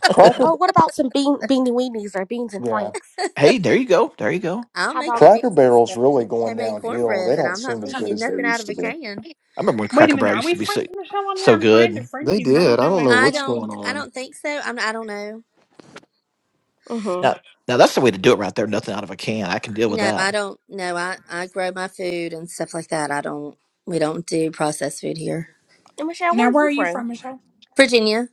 Cracker, Oh, what about some bean beanie weenies or beans and yeah, franks? Hey, there you go, there you go. I'll Hot make you dogs. vegan Cracker Barrel's stuff, and really going homemade downhill. cornbread, They but don't I'm not seem as feeding good you as they nothing out used of to a be. can. I remember when Wait a Cracker minute, Barrel are used we to be so friends, Michelle? On here, so I'm trying to good. friend They you, and I did. don't I know. don't It know I won't what's let don't. me. going I on. don't think so. I'm. I don't know. Mm-hmm. Now now that's the way to do it right there. Nothing out of a can. I can deal with No, I that. don't. No, I I grow my food and stuff like that. I don't. We don't do processed food here. And Michelle, Now, where are where you are you from? from, Michelle? Virginia.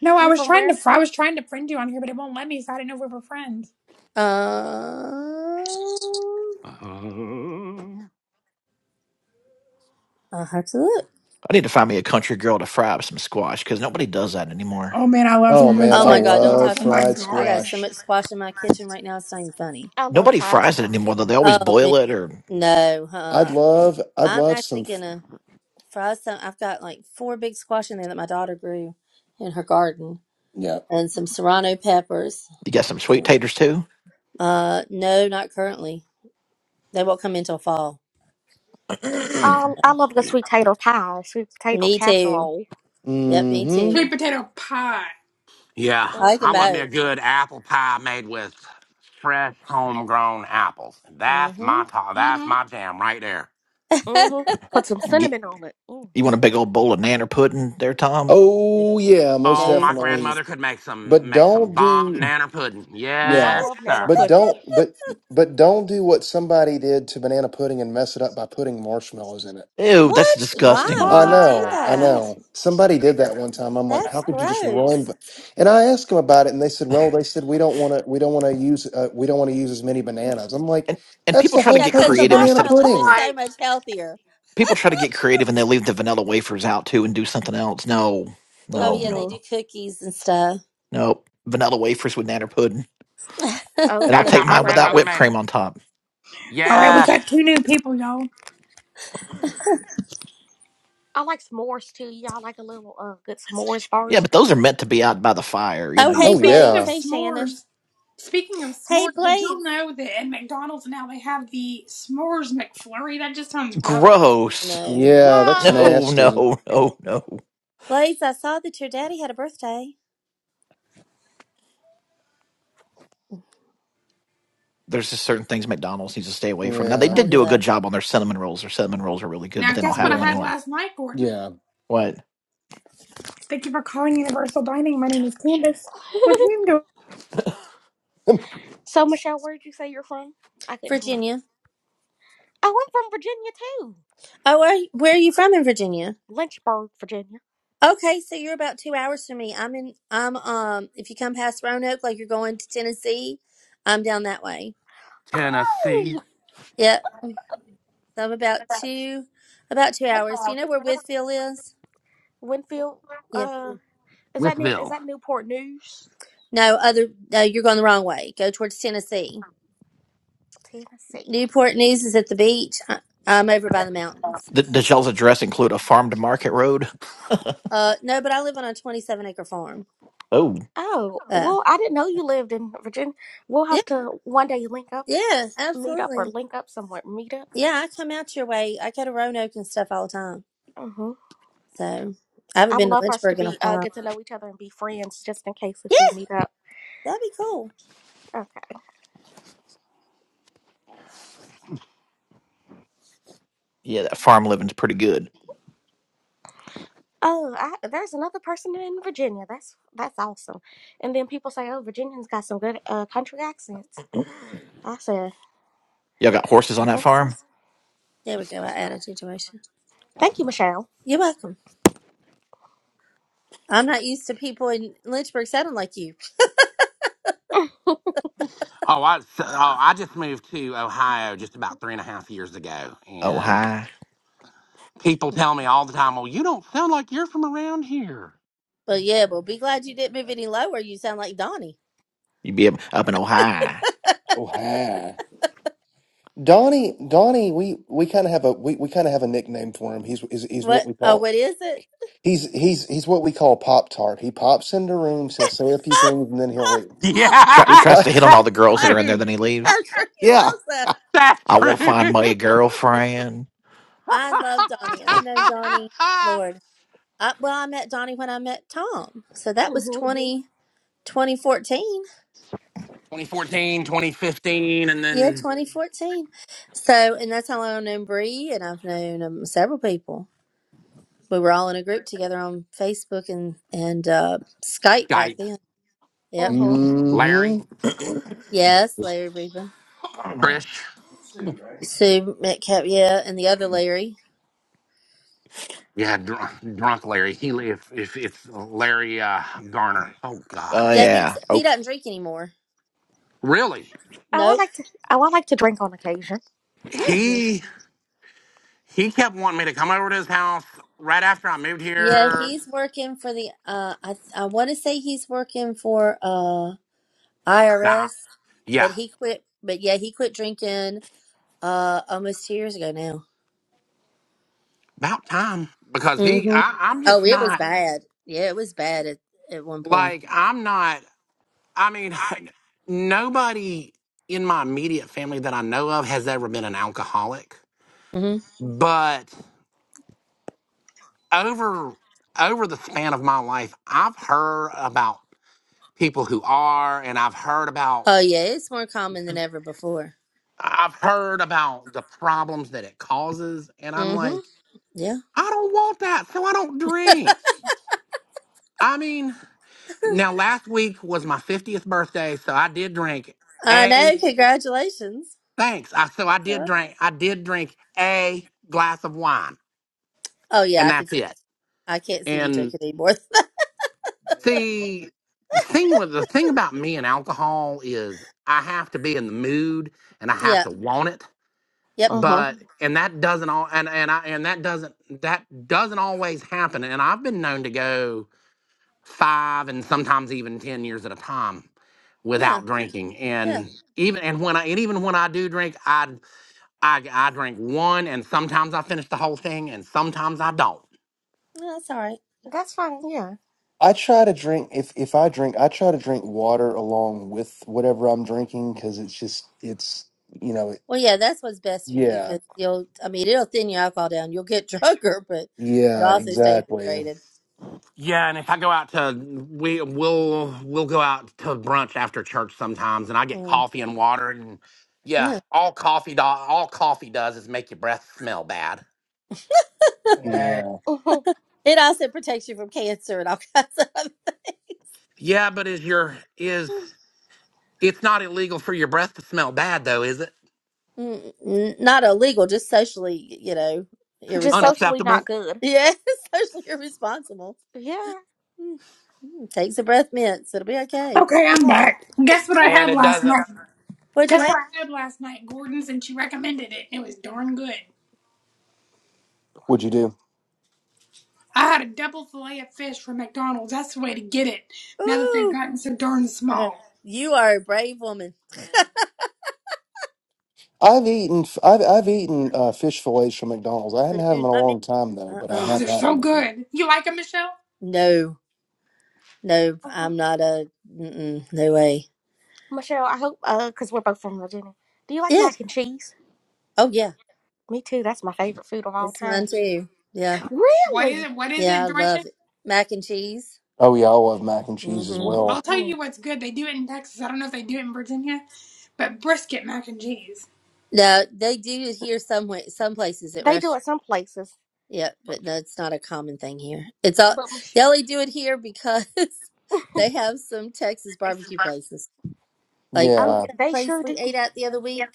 No, I You're was from trying where? to. I was trying to friend you on here, but it won't let me, so I didn't know if we were friends. Uh, Uh, I'll have to look. I need to find me a country girl to fry up some squash because nobody does that anymore. Oh man, I love Oh some good man, Oh I my fried God! Don't love squash. talk Oh to me my about. fried squ- I got god, so squash. much squash in my kitchen right now. It's not even funny. I love Nobody fried fries it squash. anymore, though. They always Oh man, boil it, or no. I'd Uh, love, I'd I'm love some. actually f- gonna fry some. I've got like four big squash in there that my daughter grew in her garden, Yeah. and some serrano peppers. you got some sweet taters too. Uh, no, not currently. They won't come in till fall. Um, I love the yeah. sweet potato pie, sweet potato Me too. casserole. Yep, me Mm-hmm. sweet too. potato pie. yeah, I like them I love Mm-hmm. me a both. good apple pie made with fresh homegrown apples. That's hmm my ta- that's Mm-hmm. my jam right there. Mm-hmm. Put some Get- cinnamon on it. Mm. you want a big old bowl of nanner pudding there, Tom? Oh yeah, most Oh, no my definitely. thanks. grandmother could make some But make some don't bomb do. Mm. nanner pudding. I Yeah. Yes, love nano sir. But pudding. don't but but don't do what somebody did to banana pudding and mess it up by putting marshmallows in it. Ew, that's What? Why disgusting. would I Ooh. you do know, I What? that? Oh. know. Somebody did that one time. I'm like, how That's could you just ruin? gross. ba-" And I asked them about it, and they said, well, they said we don't want to, we don't want to use, uh, we don't want to use as many bananas. I'm like, And and that's people the try to whole Yeah, get because purpose the of creative That's banana the instead of marshmallows are pudding. so point. much healthier. people try to get creative and they leave the vanilla wafers out too and do something else. No, Oh no, yeah, Mm-hmm. they no, do no, cookies and stuff. no. Vanilla wafers with nanner pudding, Oh and oh I'll That's yeah, how take I my mine love a without good grandmother whipped made it. cream on s'mores. top. All right, we Yes. got two new people, y'all. I like s'mores too. Y'all like a little uh good s'mores Yeah, bars. but those are meant to be out by the fire. You know, Oh, you hey Oh put speaking Blades, of yeah, hey Shannon, s'mores, speaking of hey s'mores, did y'all Blades. know that at McDonald's now they have the s'mores McFlurry? That just sounds gross. Oh, gross. no, yeah, that's No, What? nasty. no, no, no. Blades, I saw that your daddy had a birthday. there's just certain things McDonald's needs to stay away from. Now they Yeah, Oh, did he do a good left job on their cinnamon rolls. Their cinnamon rolls are really good, but Now, they don't guess what have I them yeah, had anymore. last night, Gordon? yeah. What? Thank you for calling Universal Dining. My name is Candace. With whom do so Michelle, where'd you say you're from? I couldn't hear. Virginia. Oh, I'm from Virginia too. Oh, where where are you from in Virginia? Lynchburg, Virginia. Okay, so you're about two hours from me. I'm in. I'm um. If you come past Roanoke, like you're going to Tennessee, I'm down that way. Tennessee Oh, Yep. So I'm about two, about two hours. Do you know where Whitfield is? Winfield. Yeah. Uh, is that with near? Is Bill. that Newport News, No, other. No, you're going the wrong way. Go towards Tennessee. Tennessee? Newport News is at the beach. I, I'm over by the mountains. Th- does y'all's address include a farm to market road? Uh, no, but I live on a 27 acre farm. Oh, Oh, Uh, well, I didn't know you lived in Virginia. We'll yeah, have to one day link up, yeah, meet up, or absolutely. link up somewhere. Meet up. Yeah, I come out your way. I go to Roanoke and stuff all the time. Mm-hmm. So I haven't I been would to love for us to Lynchburg in a be uh while. get to know each other and be friends, just in case if we meet up. That'd be cool. Okay. yeah, that farm living's pretty good. Oh, I, there's another person in Virginia. That's that's awesome. And then people say, "Oh, Virginians got some good uh, country accents." Y'all I said, got horses on "I that guess so." farm? There we go. I added situation. Thank you, Michelle. You're welcome. I'm not used to people in Lynchburg sounding like you. Oh, I so, oh, I just moved to Ohio just about three and a half years ago, Yeah. and Ohio. people tell me all the time, "Well, you don't sound like you're from around here." But yeah, but be glad you didn't move any lower. You sound like Donnie. You be up up in Ohio. oh, hi. Donnie, Donnie, we, we kind of have a we, we kind of have a nickname for him. He's, is he's what What? we Oh, call what is it? he's he's he's what we call Pop Tart. He pops into rooms, he'll say a few things, and then he'll leave. Try, He Yeah, tries po- to hit on all that's the girls that are in there. true. Then he leaves. I'm sure he yeah. loves that. That's I true. want to find my girlfriend. I love Donnie. I've known Donnie, Lord. I, well, I met Donnie when I met Tom. So that was Mhm. 20 2014. 2014, 2015, and Yeah, then 2014. So, and that's how I've known Bree, and I've known um, several people. we were all in a group together on Facebook and and uh, Skype back Skype. then. Yep. Mhm. Oh, Larry, hmm Yes, Larry Reba, Trish. Sue Metcalf. Yeah, and the other Larry. Yeah, drunk, drunk Larry. He if if it's Larry uh, Garner. Oh God, Oh Yeah, yeah. he's he doesn't drink anymore. really? I Nope. like to. Oh, I like to drink on occasion. Yeah. well, He He kept wanting me to come over to his house right after I moved Yeah, here. he's working for the. Uh, I I want to say he's working for uh Nah, IRS, yeah, but he quit. But yeah, he quit drinking uh almost two years ago now. about time because he, hmm I, I'm Oh, just it was not bad. Yeah, it was bad at at one point. like I'm not. I mean, nobody in my immediate family that I know of has ever been an alcoholic, Mm-hmm. but over over the span of my life, I've heard about people who are, and I've heard about Oh yeah, it's more common than ever before. I've heard about the problems that it causes, and I'm Mm-hmm. like, Yeah. I don't want that, so I don't drink. I mean, now last week was my 50th birthday, so I did drink I a know. Congratulations. thanks. I so I did Yeah. drink I did drink a glass of wine, Oh yeah, and I can that's see. it. I can't see you And drinking anymore. see, the thing with the thing about me and alcohol is I have to be in the mood and I have yeah. to want it. Yep. Mhm. But and that doesn't all and and I and that doesn't that doesn't always happen. And I've been known to go five and sometimes even 10 years at a time Yeah. without drinking Yeah. and even and when i and even when i do drink i i i drink one and sometimes i finish the whole thing and sometimes i don't No, that's all right. That's fine. Yeah. I try to drink if if I drink, I try to drink water along with whatever I'm drinking because it's just it's you know it, Well, yeah, that's what's best for you yeah because you'll. I mean, it'll thin your alcohol down. You'll get drunker, but you'll yeah also stay exactly hydrated. yeah and if i go out to we we'll we'll go out to brunch after church sometimes and i get Mm. coffee and water and yeah Yeah. all coffee do, all coffee does is make your breath smell bad yeah. Mhm. It also protects you from cancer and all kinds of other things. yeah but is your is it's not illegal for your breath to smell bad though is it Mm, n- Not illegal, just socially, you know, Just irresponsible. socially not unacceptable good. Yeah, socially irresponsible. Yeah. Mm, mm, Take some breath mints. It'll be okay. Okay, I'm Right. back. Guess what I and had it last doesn't night? What'd you Guess have? what I had last night? Gordon's and she recommended it. It was darn good. What'd you do? I had a double fillet of fish from McDonald's. That's the way to get it. Now that they've Ooh, gotten so darn uh, small. you are a brave woman. I've eaten f- I've I've eaten uh, fish fillets from McDonald's. I hadn't had Ooh, them in a not me. long time though, Uh but I uh Oh, have they're had so them before. good. You like them, Michelle? No, no, I'm Mhm. not a. Mm-mm, no way. Michelle, I hope uh, cause we're both from Virginia. Do you like Yeah. mac and cheese? Oh yeah, Me too. That's my favorite food of all it's mine time. too. Yeah, What is Really? it? What is it, yeah, I Georgia? love it. Mac and cheese. Oh yeah, I love mac and cheese as Mm-hmm. I'll well. tell Mhm. you what's good. They do it in Texas. I don't know if they do it in Virginia, but brisket mac and cheese. No, they do it here some way, some places at They do restaurants. it some places, Yeah, but no, it's not a common thing here. It's all but. Mich- they only do it here because they have some Texas barbecue places. Like Oh, what's Yeah, yeah, that they place sure we do. ate at the other week?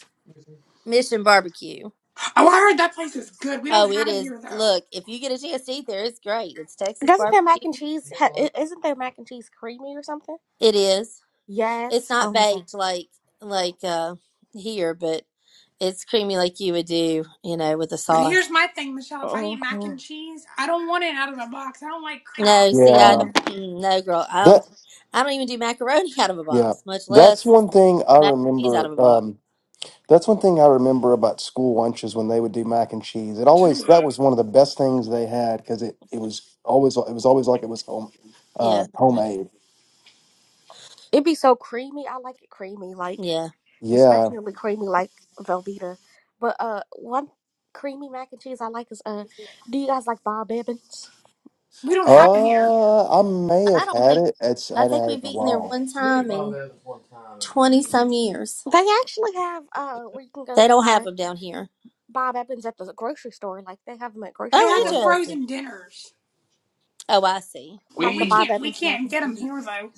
Mission Barbecue. Oh, I heard that place is good. We don't Oh, it have it is. here though. Look, if you get a chance to eat there, it's great. It's Texas Doesn't their mac and barbecue. cheese ha- i- isn't their mac and cheese creamy or something? It is. It's Yes. not Oh my god. baked like like uh here, but it's creamy like you would do, you know, with the But here's sauce. my thing, Michelle. If I eat mac hmm and cheese, I don't want it out of a box. I don't like Kraft. No, see, I I yeah. don't. want mm, No, girl, I don't. That I don't even do macaroni out of a yeah. box, much That's less one thing I mac and cheese out of remember. a box. Um, that's one thing I remember about school lunches when they would do mac and cheese. It to. always uh, that was one of the best things they had because it it was always it was always like it was home Yeah, uh, homemade. It'd be so creamy. I like it creamy, like yeah. Yeah. especially creamy, like Velveeta. But uh, one creamy mac and cheese I like is uh, do you guys like Bob Evans? We don't I, have it here. Uh, I may I have don't had think. it. It's I I hadn't think had it we've in a eaten there while. one time in twenty some years. They actually have uh, where you can go They don't have buy them down here. Bob Evans at the grocery store. Like they have them at They grocery have Oh, the store, interesting. frozen dinners, Oh, I see. but like the we We, Bob can't. We Evans mac can't and get them cheese. here though.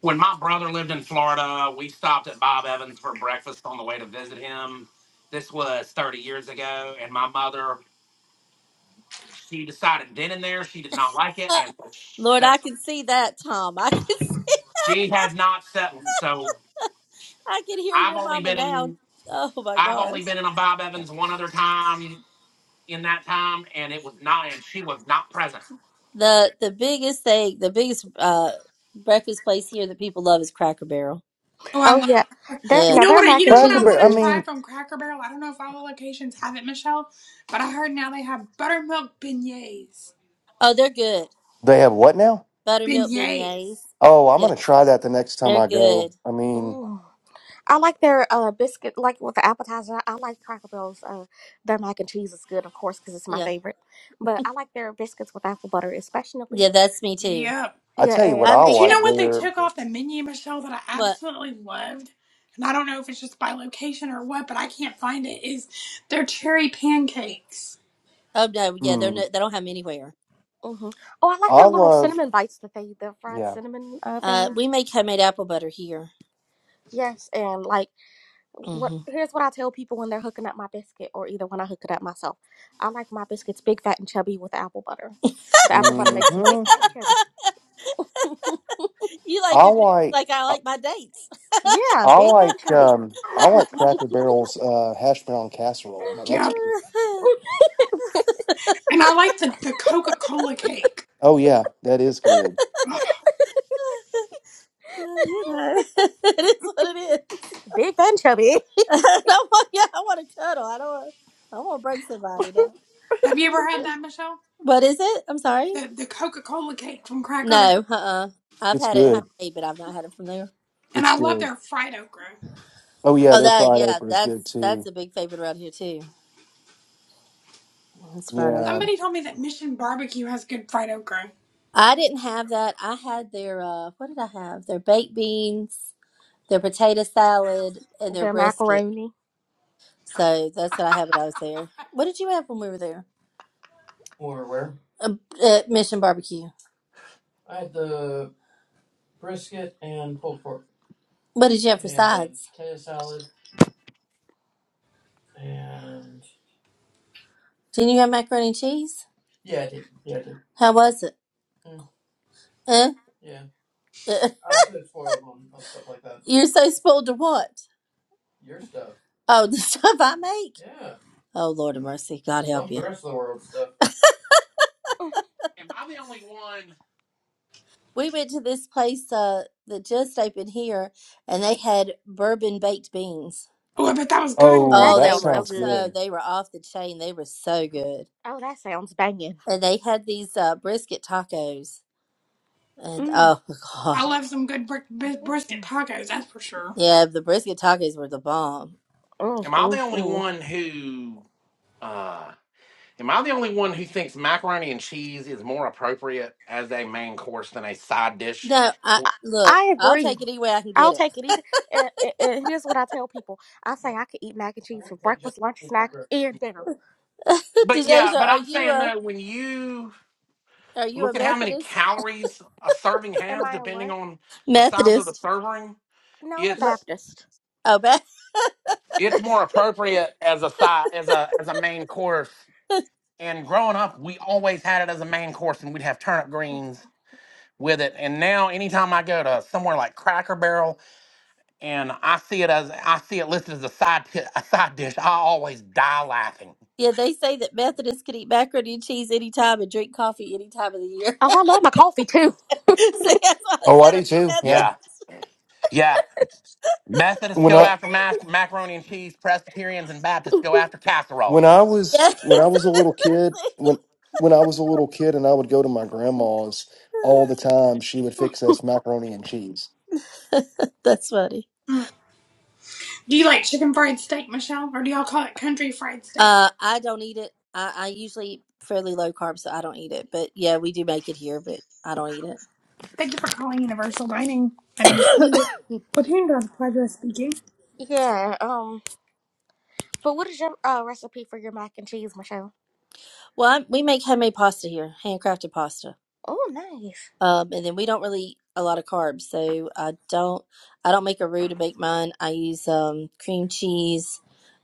when my brother lived in Florida, we stopped at Bob Evans for breakfast on the way to visit him. This was 30 years ago, and my mother, she decided then and there she did not like it, Uh, and Lord, so I can see that, Tom. I can see. she has not settled. So I can hear I've your only mama been now. in, Oh my I've gosh. only been in a Bob Evans one other time in that time, and it was not, and she was not present. The the biggest thing, the biggest uh breakfast place here that people love is Cracker Barrel. Yeah. Oh, I Oh love. yeah, their You Yeah. now know their what? I, you mac and know what Cracker cheese I is Barrel. I want to good. try too. mean, from Cracker Barrel. I don't know if all the locations have it, Michelle, but I heard now they have buttermilk beignets. Oh, they're good. They have what now? Buttermilk beignets. Beignets. Oh, I'm Yeah, gonna try that the next time they're I go. good. I mean, Mm. I like their uh biscuit, like with the appetizer. I, like Cracker Barrel's. Uh, their mac and cheese is good, of course, because it's my Yeah. favorite. But I like their biscuits with apple butter, especially. Yeah, that's me too. Yep. I Yeah, tell you what and I I make Do you hom- like know what they there. took off the menu, Michelle, that I what? absolutely loved? And I don't know if it's just by location or what, but I can't find it. Is their cherry pancakes? Oh no, yeah, they're no, Mm, they don't have them anywhere. hmm oh, I like I their little love, cinnamon bites that they, the fried yeah. cinnamon uh Uh, things. we make homemade apple butter here. Yes, and like what? hmm Here's what I tell people when they're hooking up my biscuit, or either when I hook it up myself. I like my biscuits big, fat, and chubby with apple butter. The apple butter makes them big, hmm fat, and chubby. You like I your business like, like I I, like my dates. Yeah, I big, fat, and like, chubby. um, I like Cracker Barrel's uh, hash brown casserole. Now, that's Yep. good. And I like the, the Coca Cola cake. Oh yeah, that is good. Ugh. you know, it is what it is. Big, fat, and chubby. I want, yeah, I want to cuddle. I don't. Want, I want to break somebody down. Have you ever had that, Michelle? What is it? I'm sorry. The the Coca Cola cake from Cracker Barrel. No, uh, uh I've It's had it good. honey, but I've not had it from there. And It's I love good. their fried okra. Oh yeah, Oh, their that fried yeah, okra is good that's that's too. a big favorite around here too. That's fried Yeah. okra. Somebody told me that Mission Barbecue has good fried okra. I didn't have that. I had their uh, what did I have? Their baked beans, their potato salad, and their Their brisket. macaroni. So that's what I had when I was there. What did you have when we were there? Uh, uh, Mission Barbecue. What did you have for sides? Didn't you have macaroni and cheese? How was it? Huh? Uh, You're so spoiled to what? Oh, the stuff I make. Oh Lord of mercy, God help you. mm-hmm, Am I the only one? We went to this place uh, that just opened here, and they had bourbon baked beans. Oh, I bet that was good. Mm, Oh, that Oh, that they sounds were so sounds good. so good. they were off the chain. They were so good. Oh, that sounds banging. and they had these uh, brisket tacos, and Mm, oh god, I love some good br- br- mm, brisket tacos, that's for sure. yeah, the brisket tacos were the bomb. mm, Am I the mm. only mm. one who? Uh, Am I the only one who thinks macaroni and cheese is more appropriate as a main course than a side dish? No, I I, look, I I'll agree. take it any way I can get I'll it. take it either. And, and, and here's what I tell people: I say I could eat mac and cheese for breakfast, lunch, snack, and dinner. But yeah, Dejasia, but are I'm you saying a though, when you are you look a at how many Methodist? calories a serving Am has, I a depending what? on the size of the Methodist. serving, No, I'm a What? it's Baptist. Oh, Beth. it's more appropriate as a side as a as a main course. And growing up, we always had it as a main course, and we'd have turnip greens with it. And now, anytime I go to somewhere like Cracker Barrel and I see it as I see it listed as a side pi- a side dish. I always die laughing. Yeah, they say that Methodists can eat macaroni and cheese anytime and drink coffee any time of the year. Oh, I love my coffee too. so that's why I Oh, I said, "Are do you a too. Yeah. Yeah, Methodist?" yeah. Methodists When go I after mas- macaroni and cheese. Presbyterians and Baptists go after when casseroles. I was when I was a little kid, when when I was a little kid and I would go to my grandma's all the time, she would fix us macaroni and cheese. Yes. That's funny. Mm. Do you like chicken fried steak, Michelle, or do y'all call it country fried steak? Uh, I don't eat it. I, I usually eat fairly low carb, so I don't eat it. But yeah, we do make it here, but I don't eat it. Thank you for calling Universal Dining. My name is Candace. With whom do I have the pleasure of speaking? Yeah. Um. But what is your uh, recipe for your mac and cheese, Michelle? well, I, we make homemade pasta here, handcrafted pasta. Oh, nice. Um, and then we don't really eat a lot of carbs, so I don't. I don't make a roux to make mine. I use um cream cheese,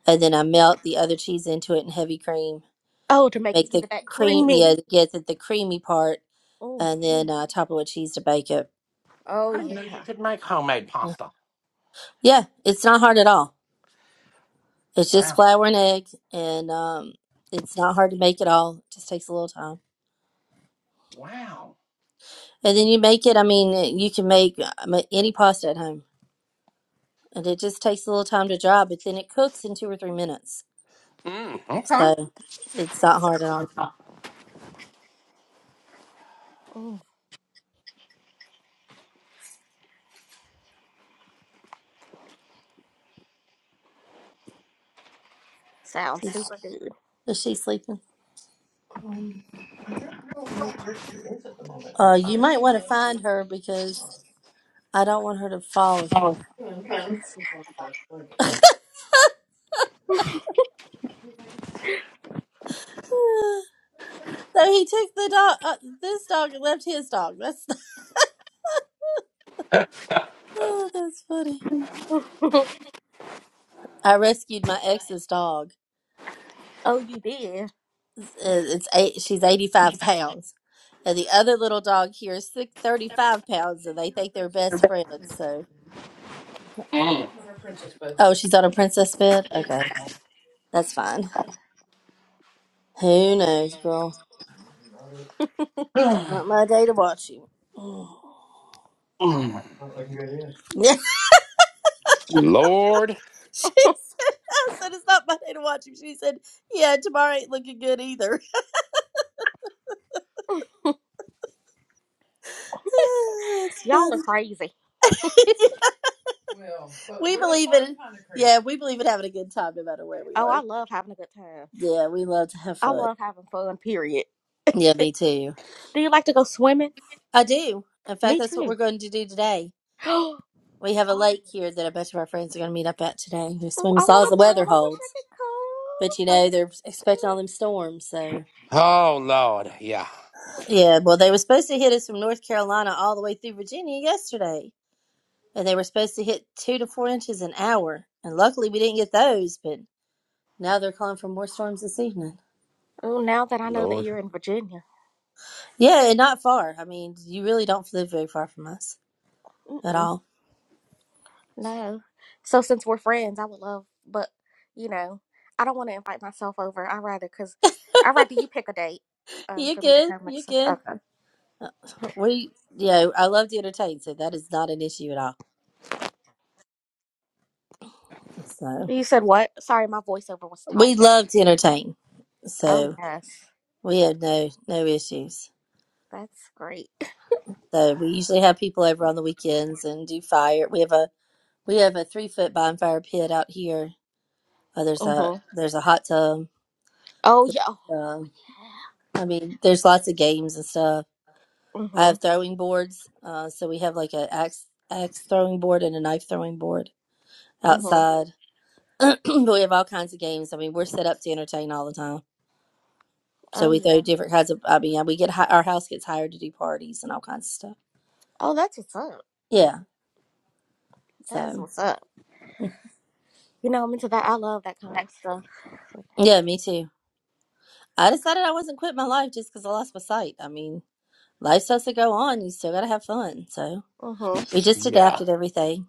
and then I melt the other cheese into it and heavy cream. Oh, to make it Make give the it that cream, creamy. yeah, get the, the creamy part, Oh. and then uh, top it with cheese to bake it. Oh I didn't know you yeah. could make homemade pasta. Yeah, it's not hard at all. It's just Wow, flour and egg, and um, it's not hard to make at all. It just takes a little time. wow. And then you make it, I mean, you can make uh, ma- any pasta at home, and it just takes a little time to dry, but then it cooks in two or three minutes. Mm, So it's not hard at all. Mm. Sounds Is, super good. is she sleeping? I don't know where she is at the moment. Uh, you might want to find her because I don't want her to fall. or something. So he took the dog, uh, this dog, and left his dog. That's oh, that's funny. I rescued my ex's dog. oh, you did. it's eight, she's 85 pounds and the other little dog here is six, 35 pounds and they think they're best friends so okay. oh she's on a princess bed okay that's fine who knows girl Mm. not my day to watch you Mm. yeah Lord, she said i said it's not my day to watch you she said yeah tomorrow ain't looking good either that's Y'all are funny crazy. we believe in yeah we believe in having a good time no matter where we Oh, I are love having a good time. yeah we love to have I fun love having fun, period. Yeah, me too. Do you like to go swimming? I do. In fact, Me that's what too. we're going to do today. oh, We have a oh, lake here that a bunch of our friends are going to meet up at today. We swim I as long as want the to come. weather I wish I holds. could But you come. I know, wish they're I expecting all could. them storms. So, oh Lord, yeah, yeah, well, they were supposed to hit us from North Carolina all the way through Virginia yesterday. And they were supposed to hit two to four inches an hour. And luckily we didn't get those. But now they're calling for more storms this evening. Oh, now that I know that Lord, you're in Virginia. Yeah, and not far. I mean, you really don't live very far from us at Mm-mm, all. no. So since we're friends, I would love, but, you know, I don't want to invite myself over. i rather, because i rather you pick a date uh, You're for me to good. come. You're next- good. Okay. We, you know, I love to entertain, so that is not an issue at all. So You said what? Sorry, my voiceover was we talking. love to entertain, Oh, so yes. we have no no issues. That's great. So we usually have people over on the weekends and do fire. We have a we have a three foot bonfire pit out here. Uh, there's hmm a there's a hot tub. Oh yeah. Um, I mean, there's lots of games and stuff. I have Mhm. throwing boards, uh, so we have like a axe axe throwing board and a knife throwing board Mhm. outside. but we have all kinds of games. I mean, we're set up to entertain all the time. So Oh we throw yeah. different kinds of. I mean, yeah, we get hi- our house gets hired to do parties and all kinds of stuff. Oh, that's what's up. Yeah. That is So what's up. You know, I'm into that. I love that kind of stuff. yeah, me too. I decided I wasn't quitting my life just because I lost my sight. I mean, life has to go on. You still got to have fun. So Mhm. we just yeah. adapted everything.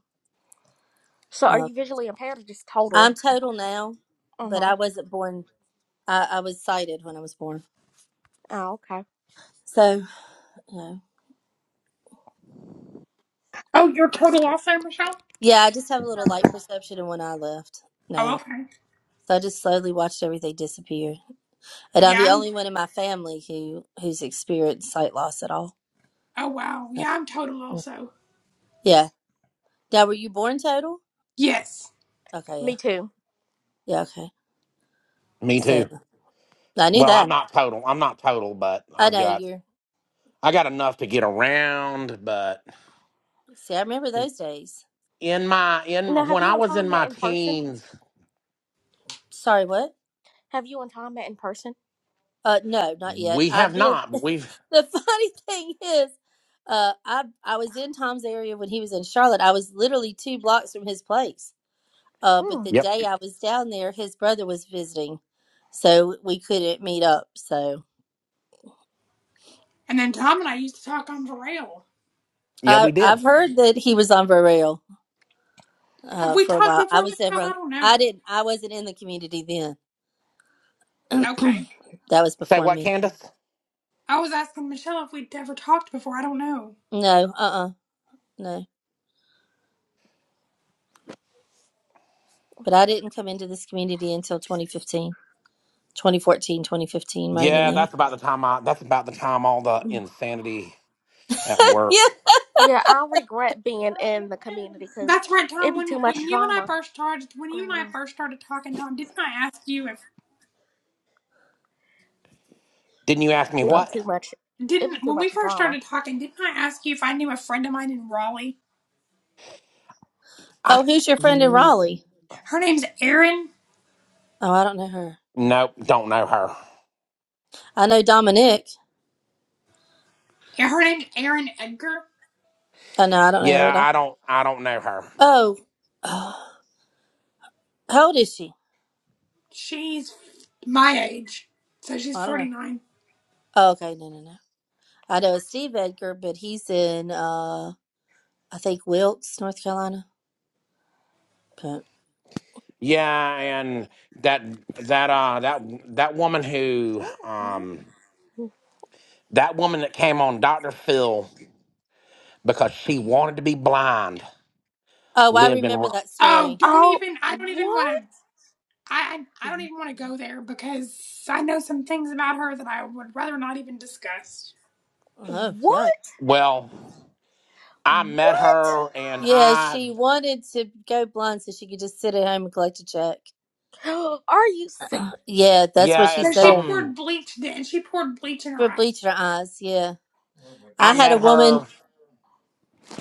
So, are Um, you visually impaired or just I'm total? total now, but I Mhm. wasn't born. I, I was sighted when I was born. Oh, okay. So you know. Oh, you're total also, Michelle? yeah, I just have a little light perception in one eye left Oh, now. okay. So I just slowly watched everything disappear. And I'm Yeah, the I'm, only one in my family who who's experienced sight loss at all. oh wow. So, Yeah, I'm total yeah. also. Yeah. Now, were you born total? Yes. Okay. Yeah. Me too. Yeah. Okay. Me So too. I knew Well, I'm that. not total. I'm not total, but I I've know got you're. I got enough to get around, but. See, I remember those days. in my in my- Now, have when you I and was in Tom met my in person? teens, Sorry, what? Have you and Tom met in person? Uh, no, not yet. we have I've been. not. But we've the funny thing is, uh, I I was in Tom's area when he was in Charlotte. I was literally two blocks from his place. Uh, but Hmm. the yep, day I was down there, his brother was visiting, so we couldn't meet up. So. And then Tom and I used to talk on Varel. yeah, I, we did. I've heard that he was on Vireo Have uh, we for a talked while. I before, was ever Michelle? I on, don't I know. didn't I wasn't in the community then. Okay. that was Say before what, me. Candace? I was asking Michelle if we'd ever talked before. I don't know. No, uh uh no. But I didn't come into this community until 2015, 2014, 2015. right in Yeah, there. that's about the time. I that's about the time all the insanity at work. Yeah. Yeah, I regret being in the community because That's right, it'd Tom. be too When much when you and I drama first started, when you and going I on. first started talking, Tom, didn't I ask you if Didn't you ask me It'd be what? too much. It'd didn't be too when we much first drama. started talking, didn't I ask you if I knew a friend of mine in Raleigh? I Oh, who's your friend in nope, Raleigh? Her name's Erin. Oh, I don't know her. don't know her. I know Dominic. yeah, Her name's Erin Edgar. Oh, no, I don't know her Yeah, at I all. don't. I don't know her. Oh, oh how old is she? She's my age, so she's I don't forty know. nine. Oh, okay, no, no, no. I know Steve Edgar, but he's in, uh, I think, Wilkes, North Carolina. But Yeah, and that that uh that that woman who Mhm. um that woman that came on Doctor Phil because she wanted to be blind oh, I lived in. remember that Oh, story. don't Oh, even. I don't even want what? to. I I I don't even want to go there because I know some things about her that I would rather not even discuss. Oh yeah, What? Well, I met What? her and yeah. I, She wanted to go blind so she could just sit at home and collect a check. Are you sick? Yeah, that's what yeah, she and So she said. some, poured bleach, and she poured bleach in her She would eye. bleach her eyes. Yeah, I I had a met woman. her.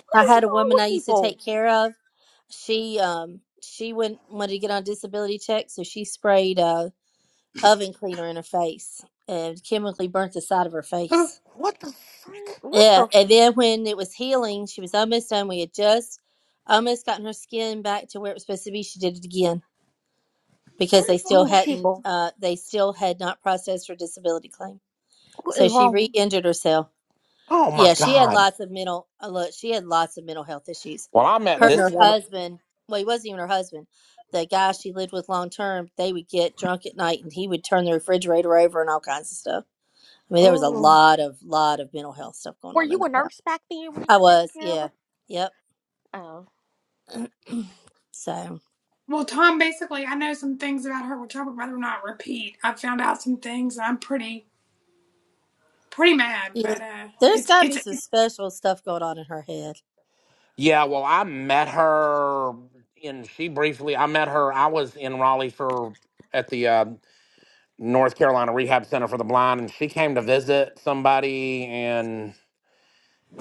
What I is had a wrong woman I with used to people? take care of. She um she went wanted to get on disability check, so she sprayed uh oven cleaner in her face and chemically burnt the side of her face. What the Alright, frick? What the? Yeah, f- and then when it was healing, she was almost done. We had just almost gotten her skin back to where it was supposed to be. She did it again because What they is still wrong Oh, with sh- hadn't, people? uh, they still had not processed her disability claim. What So is she wrong? re-injured herself. oh my Yeah, she had God. lots of mental. uh, Look, she had lots of mental health issues. Well, I met Her Was and this her this? woman. husband. Well, he wasn't even her husband. The guy she lived with long term. They would get drunk at night, and he would turn the refrigerator over and all kinds of stuff. I mean, there was a Oh, lot of lot of mental health stuff going were on you in the a house. nurse back then when you I were taking was, care of yeah. her? Yep. Oh, So Well, Tom, basically, I know some things about her which I would rather not repeat. I found out some things, and I'm pretty pretty mad. yeah, But uh, there's it's gotta be it's some special stuff going on in her head. Yeah, well, I met her and she briefly, I met her. I was in Raleigh for, at the uh, North Carolina Rehab Center for the Blind and she came to visit somebody and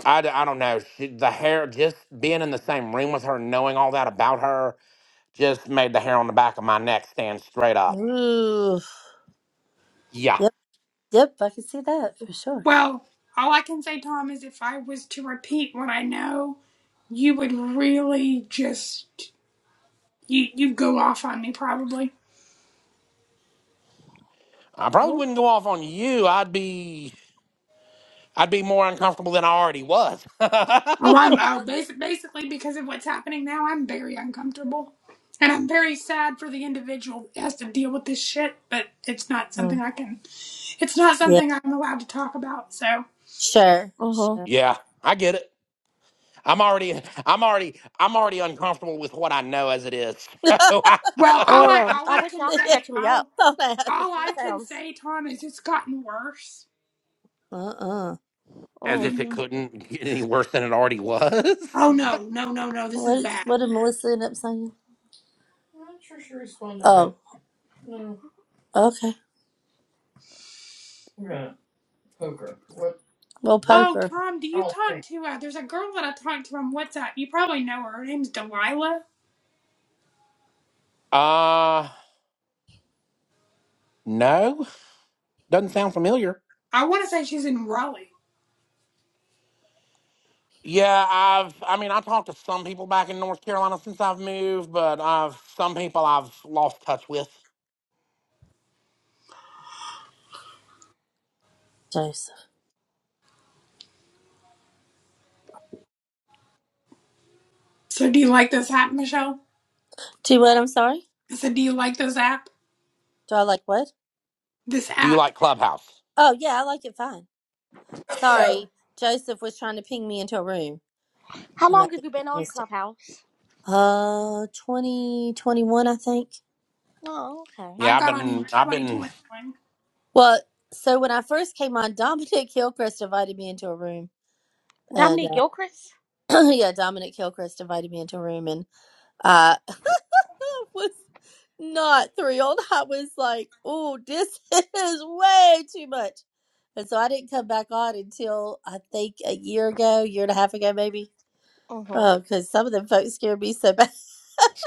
I, d- I don't know. She, the hair, just being in the same room with her, knowing all that about her. Just made the hair on the back of my neck stand straight up. Ooh. Yeah. Yep, yep, I can see that for sure. well, all I can say, Tom, is if I was to repeat what I know, you would really just you you go off on me probably. I probably wouldn't go off on you. I'd be I'd be more uncomfortable than I already was. Well, I'm oh, bas- basically because of what's happening now, I'm very uncomfortable, and I'm very sad for the individual that has to deal with this shit. But it's not Mm, something I can. It's not yeah, something I'm allowed to talk about. So. sure, mm-hmm. sure. yeah, I get it. I'm already I'm already I'm already uncomfortable with what I know as it is. yeah, So I- Well, all I Oh, all I I wish can y'all could say, catch me up, all all that. cause all she I can sounds. say, Tom, is it's gotten worse. Uh-uh. I as Oh, if it mean, couldn't get any worse than it already was. oh no, no, no, no, this is What bad. what did Melissa end up saying? I'm Not sure she responded. Oh, okay. Well Oh, poker. Tom, do you talk to? Uh, there's a girl that I talked to on WhatsApp. You probably know her. Her name's Delilah. Uh no. Doesn't sound familiar. I want to say she's in Raleigh. Yeah, I've I mean I talked to some people back in North Carolina since I've moved, but I've some people I've lost touch with. Joseph. So, do you like this app, Michelle? Do what I'm sorry? I said, do you like this app? Do I like what? This Do you app. like Clubhouse? Oh yeah, I like it fine. mm-hmm. Sorry. Joseph was trying to ping me into a room how and I long have you just been on missed it. Clubhouse? Uh, 2021, I think. Oh, okay. I Yeah, I've got on in been, I've been, 2021. Well, so when I first came on, Dominic Hillcrest invited me into a room. And Dominique uh, Gilchrist. yeah, Dominic Hillcrest invited me into a room, and I was not thrilled. I was like, oh, this is way too much. And so I didn't come back on until I think a year ago, year and a half ago, maybe. Mm-hmm. Oh, because some of them folks scared me so bad. so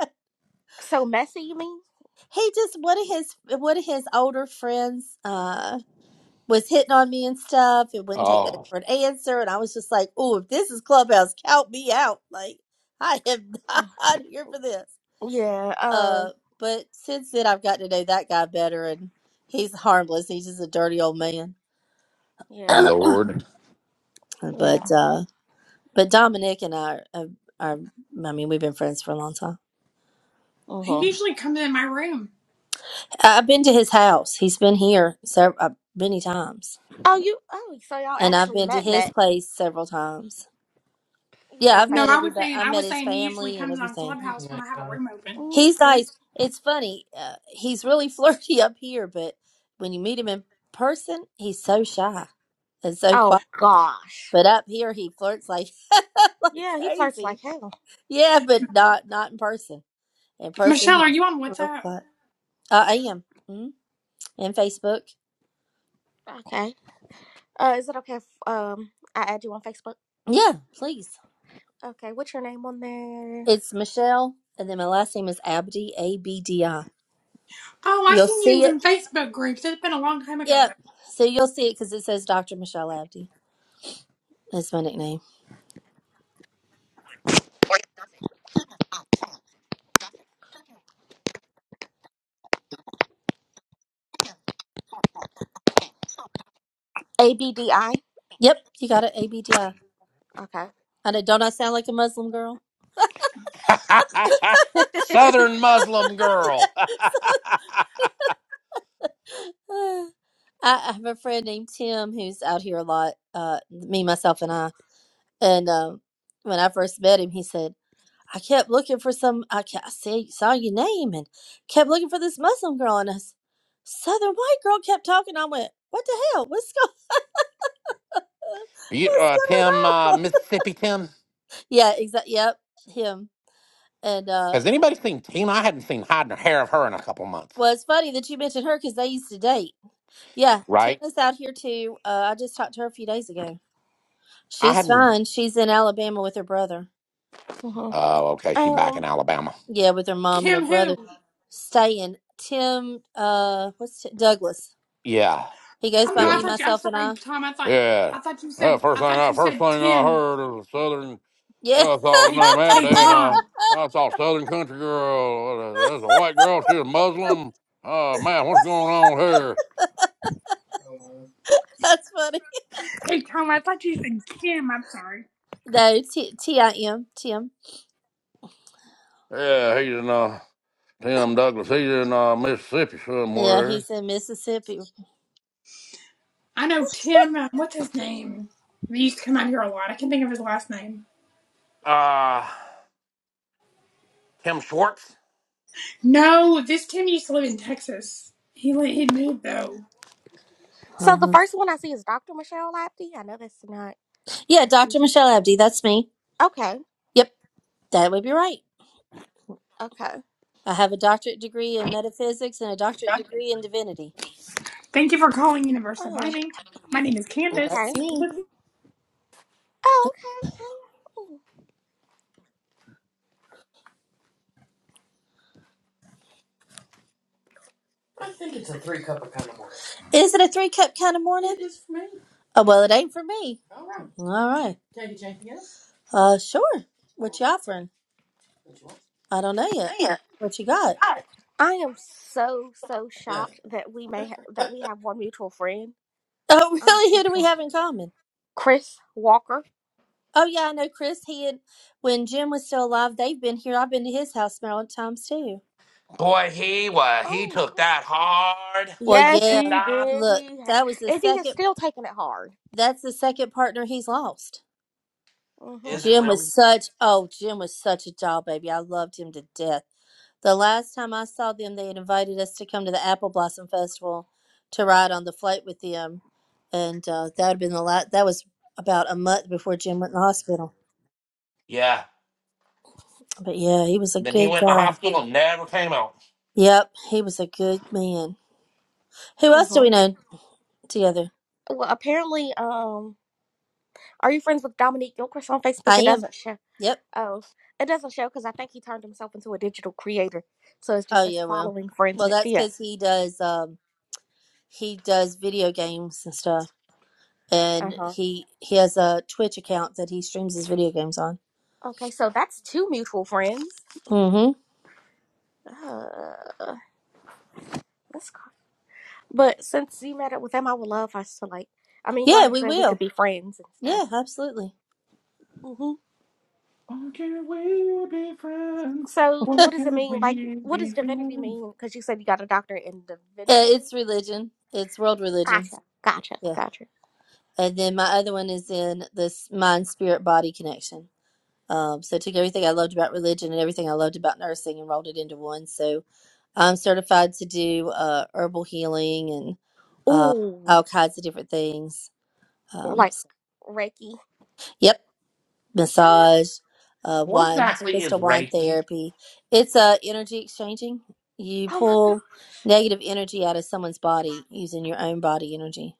bad. So messy, you mean? He just one of his one of his older friends. Uh, was hitting on me and stuff. It wouldn't take that oh, for an answer. And I was just like, oh, if this is Clubhouse, count me out. Like, I am not Mm. here for this. Yeah. Uh. Uh, but since then, I've gotten to know that guy better, and he's harmless. He's just a dirty old man. Yeah. but Lord. Yeah. uh, but Dominic and I are, are, I mean, we've been friends for a long time. He Mm-hmm. usually comes in my room. I- I've been to his house. He's been here several, uh, many times, Oh, you. Oh, so y'all and I've actually been to met, his met. place several times You Yeah, guys I've No, met actually. I was everybody. saying, I I met was his saying he usually family and comes on everything. He's a Clubhouse when nice. I have a guy. room open. He's hmm nice. It's funny. Uh, he's really flirty up here, but when you meet him in person, he's so shy and so quiet. Oh gosh. But up here, he flirts like like Yeah, he flirts crazy. like hell. Yeah, but not not in person. In person, Michelle, are he's you on real WhatsApp? quiet. Uh, I am. Mm-hmm. And Facebook. Okay. Uh, is it okay if um I add you on Facebook? Yeah, please. Okay. What's your name on there? It's Michelle, and then my last name is Abdi. A B D I. Oh, I've You'll seen you in see it some Facebook groups. It's been a long time ago though. Yep. So you'll see it because it says Dr. Michelle Abdi. That's my nickname. A B D I. Yep. You got it. ABDI. Okay. know. Don't I sound like a Muslim girl? Southern Muslim girl. Yeah. so, uh, I, I have a friend named Tim who's out here a lot. Uh, me, myself, and I. And um, when I first met him, he said, "I kept looking for some. I, ca- I see, saw your name and kept looking for this Muslim girl, and this Southern white girl kept talking. I went, what the hell? What's going? you, What's uh, Tim, uh, going on? Mississippi Tim? yeah. Exactly. Yep. Him. And uh Has anybody seen Tina? I hadn't seen hide nor hair of her in a couple months, well, it's funny that you mentioned her because they used to date. Yeah, right? Tina's out here too. Uh, I just talked to her a few days ago. I She's hadn't. fine. She's in Alabama with her brother. hmm Oh, okay. She back in Um. Alabama. Yeah, with her mom and her Kim brother, who? staying. Tim, uh, what's t- Douglas? Yeah. He goes Oh by no, I Tim. me, thought you I'm myself, and sorry, I. Tom, I thought Yeah. I thought you Uh, said first I thing thought I you first said thing I Tim. heard of Southern. Yeah, I saw the Hey name hey Abday, and uh, Tom. I saw Southern Country Girl. Uh, That's a white girl. She's a Muslim. Uh, man, what's going on here? that's funny. Hey Tom, I thought you said Kim, I'm sorry. No, T T I M Tim. Yeah, he's in uh, Tim Douglas. He's in uh, Mississippi Yeah, somewhere. he's in Mississippi. I know Tim uh, what's his name? He used to come out here a lot. I can't think of his last name. Uh, Tim Schwartz. No, this Tim used to live in Texas. He li- he moved though. So the Uh-huh. first one I see is Dr. Michelle Lapke. I know that's not. Yeah, Dr. Michelle Abdi. That's me. Okay. Yep, that would be right. Okay. I have a doctorate degree in metaphysics and a doctorate degree in divinity. Thank you for calling Universal Oh. Mining. My name is So Candace. that's Okay. me. Oh. Okay. okay. Ooh. Is it a three cup kind of morning? It is for me. Oh, well, it ain't for me. All right. Uh, sure. What you offering? I don't know yet. What you got? I am so so shocked that we may ha- that we have one mutual friend. Oh, I'm really? so Who do we shocked. have in common? Chris Walker. Oh, yeah, I know Chris. He and when Jim was still alive, they've been here. I've been to his house several times too. Boy, he was. He Oh. took that hard Well, when Yes, Tim yeah. he died. did. Look, He ha- that was the and he is second. still taking it hard. That's the second partner he's lost. Mhm. Is it Jim really? was such. Oh, Jim was such a doll baby. I loved him to death. The last time I saw them, they had invited us to come to the Apple Blossom Festival to ride on the flight with them, and uh, that had been the last. That was about a month before Jim went in the hospital. Yeah. But yeah, he was a Then he good went to guy. hospital and never came out. Yep, he was a good man. Who else do we Mhm. know together? Well, apparently, um, are you friends with Dominique Gilchrist on I Facebook? It am. doesn't show. Yep. Oh, it doesn't show because I think he turned himself into a digital creator. So it's Oh just as yeah. Well, following well, friends. that's Yeah. because he does. Um, he does video games and stuff, Uh and huh. he he has a Twitch account that he streams his video games on. Okay, so that's two mutual friends. Mm-hmm. Uh, that's cr- but since you met up with them, I would love us to like. I mean, you Yeah, already we said we could will. be friends and stuff. Yeah, absolutely. Mhm. Why can't we be friends? So, Why what does it can't mean? Like, we what be does divinity friends? mean? Because you said you got a doctorate in Uh, divinity. it's religion. It's world Gotcha, religions. gotcha, Yeah. gotcha. And then my other one is in this mind spirit body connection. Um, so I took everything I loved about religion and everything I loved about nursing and rolled it into one. So I'm certified to do uh, herbal healing and uh, Ooh, all kinds of different things. Um, like s- Reiki. yep, Oh my, massage, uh, What wine, exactly is crystal wine Reiki? therapy. It's uh, energy exchanging. You oh my God. pull negative energy out of someone's body using your own body energy.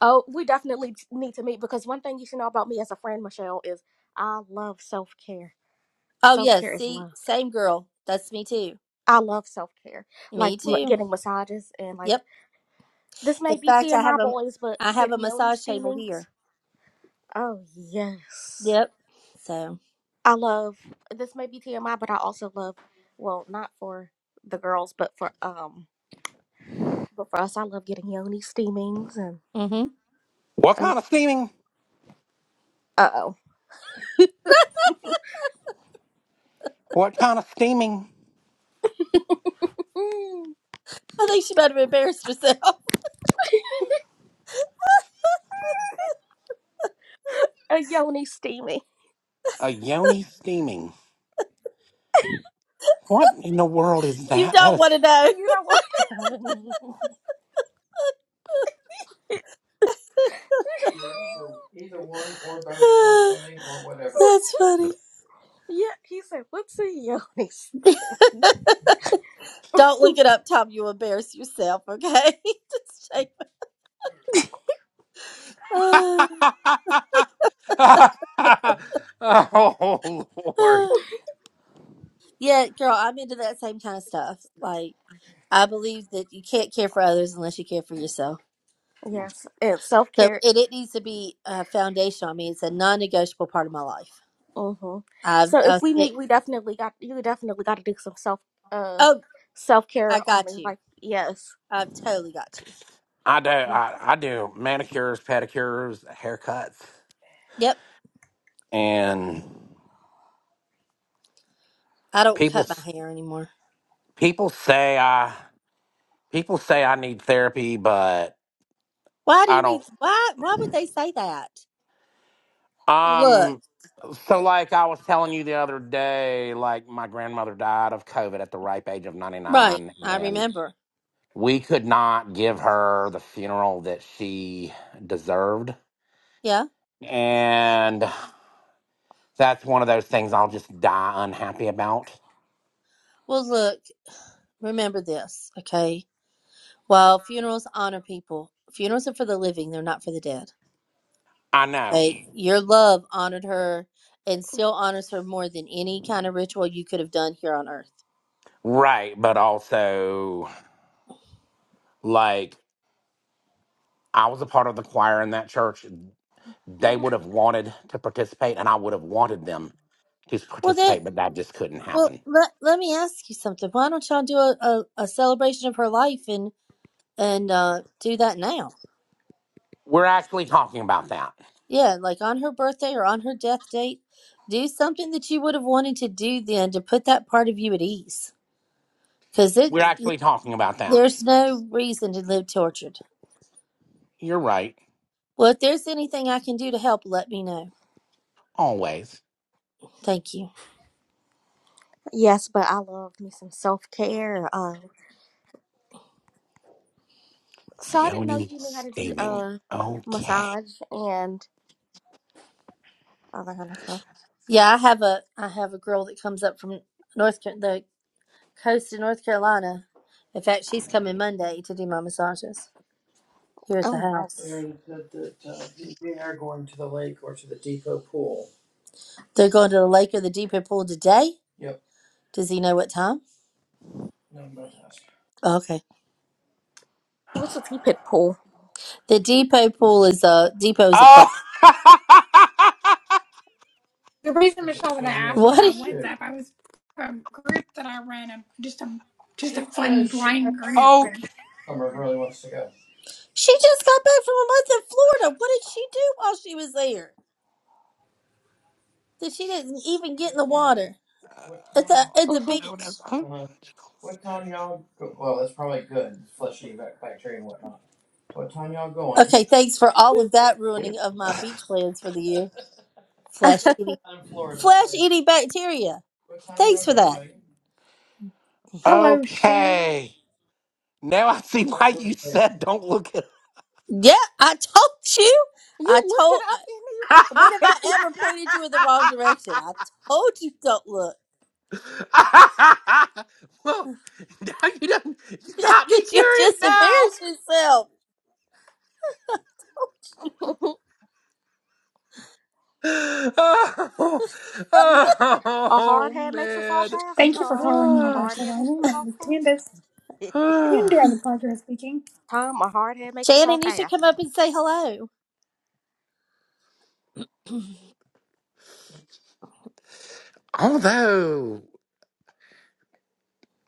Oh, we definitely need to meet because one thing you should know about me as a friend, Michelle, is I love self care. Oh Self yes, care is see, love. same girl. That's me too. I love self care, like Me m- too. getting massages and like Yep. this In may be fact, I have TMI a boys, but I have a getting yoni massage table here. steamings. Oh yes. Yep. So, I love this may be TMI, but I also love well, not for the girls, but for um, but for us, I love getting yoni steamings and hmm What uh kind of steaming? oh, What kind of steaming? mm, I think she might have embarrassed herself. a yoni steaming. A yoni steaming. What in the world is You that? That don't want is. to know. You don't want. That's funny. yeah, he said, "What's a yoni?" steam?" Don't look it up, Tom. You'll embarrass yourself. Okay. Just shake. Ah, oh Lord! ah. yeah, girl. I'm into that same kind of stuff. Like, I believe that you can't care for others unless you care for yourself. Yes, and self So care. it, it needs to be uh, foundational. I mean, it's a non-negotiable part of my life. hmm I've, So if I've we it, meet, we definitely got you. Definitely got to do some self uh oh, self I care on me. got you. Like yes. I've totally got you. I do. Yeah. I, I do manicures, pedicures, haircuts, Yep. and I don't people. cut my hair anymore. People say I. People say I need therapy, but Why do you I don't. need? Why? Why would they say that? Look, Um, so like I was telling you the other day, like my grandmother died of COVID at the ripe age of right. 99, I and remember. we could not give her the funeral that she deserved. Yeah. And that's one of those things I'll just die unhappy about. Well, look. Remember this, okay? While funerals honor people, funerals are for the living. They're not for the dead. I know. Okay. Your love honored her, and still honors her more than any kind of ritual you could have done here on earth. Right, but also like I was a part of the choir in that church. They would have wanted to participate and I would have wanted them to Well, then. participate, but that just couldn't Well, happen. let let me ask you something. Why don't y'all do a, a, a celebration of her life and and uh, do that now? We're actually talking about that. Yeah, like on her birthday or on her death date, do something that you would have wanted to do then to put that part of you at ease. Because it We're actually talking about that. there's no reason to live tortured. You're right. Well, if there's anything I can do to help, let me know. Always. Thank you. Yes, but I love me some self care. Uh, so I didn't know Yoni you knew how to do steaming. uh Okay. massage and all that kind of stuff. Yeah, I have a I have a girl that comes up from North Ca- the coast of North Carolina. In fact, she's coming Monday to do my massages. here at the Oh, house. nice. They're going to the lake or the depot pool today. Does he know what time? Oh, okay. What's a tea pit pull? The depot pool is a depot is a place. Oh. The reason Michelle that I asked What? Are about you, WhatsApp, I was from a group that I ran, a, just a just a fun blind group. And okay. she just got back from a month in Florida. What did she do while she was there? That she didn't even get in the water at the at hmm the Oh, no, no. beach. Oh, vaginal Okay, steaming. thanks for all of that ruining of my beach plans for the year. Flesh eating, flesh eating bacteria. Thanks for that. hello, Shannon. Okay. Now I see why you said don't look at. babe? Yeah, I told you. I You looked told. I- When have I it ever pointed you in the wrong direction? I told you don't look well, now you don't. You got me because you'll curious just now. embarrass yourself. up anyway. Oh, oh a oh, hard head makes a soft man. ass, Thank you for Tom. calling A Ah, hard Universal head makes Dining. a My name soft is Candace. ass. With whom do I ah. have the pleasure of speaking? Tom, a hard head makes a Shannon, soft you should ass. come up and say hello. Although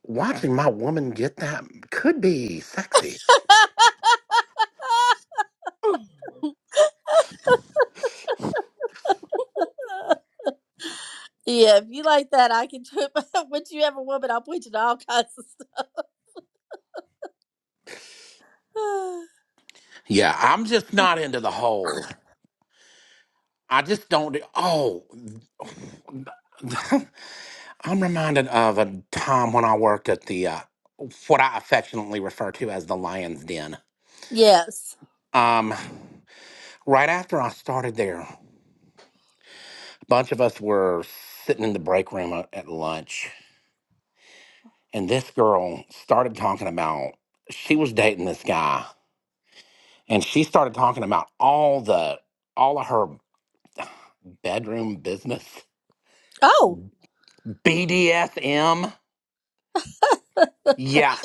watching my woman get that could be sexy. yeah, if you like that, I can do it. But once you have a woman, I'll point you to all kinds of stuff. Yeah, I'm just not into the whole. I just don't. Oh, I'm reminded of a time when I worked at the uh, what I affectionately refer to as the Lion's Den. yes. Um, right after I started there, a bunch of us were sitting in the break room at at lunch and this girl started talking about she was dating this guy and she started talking about all the all of her bedroom business Oh. bdsm yeah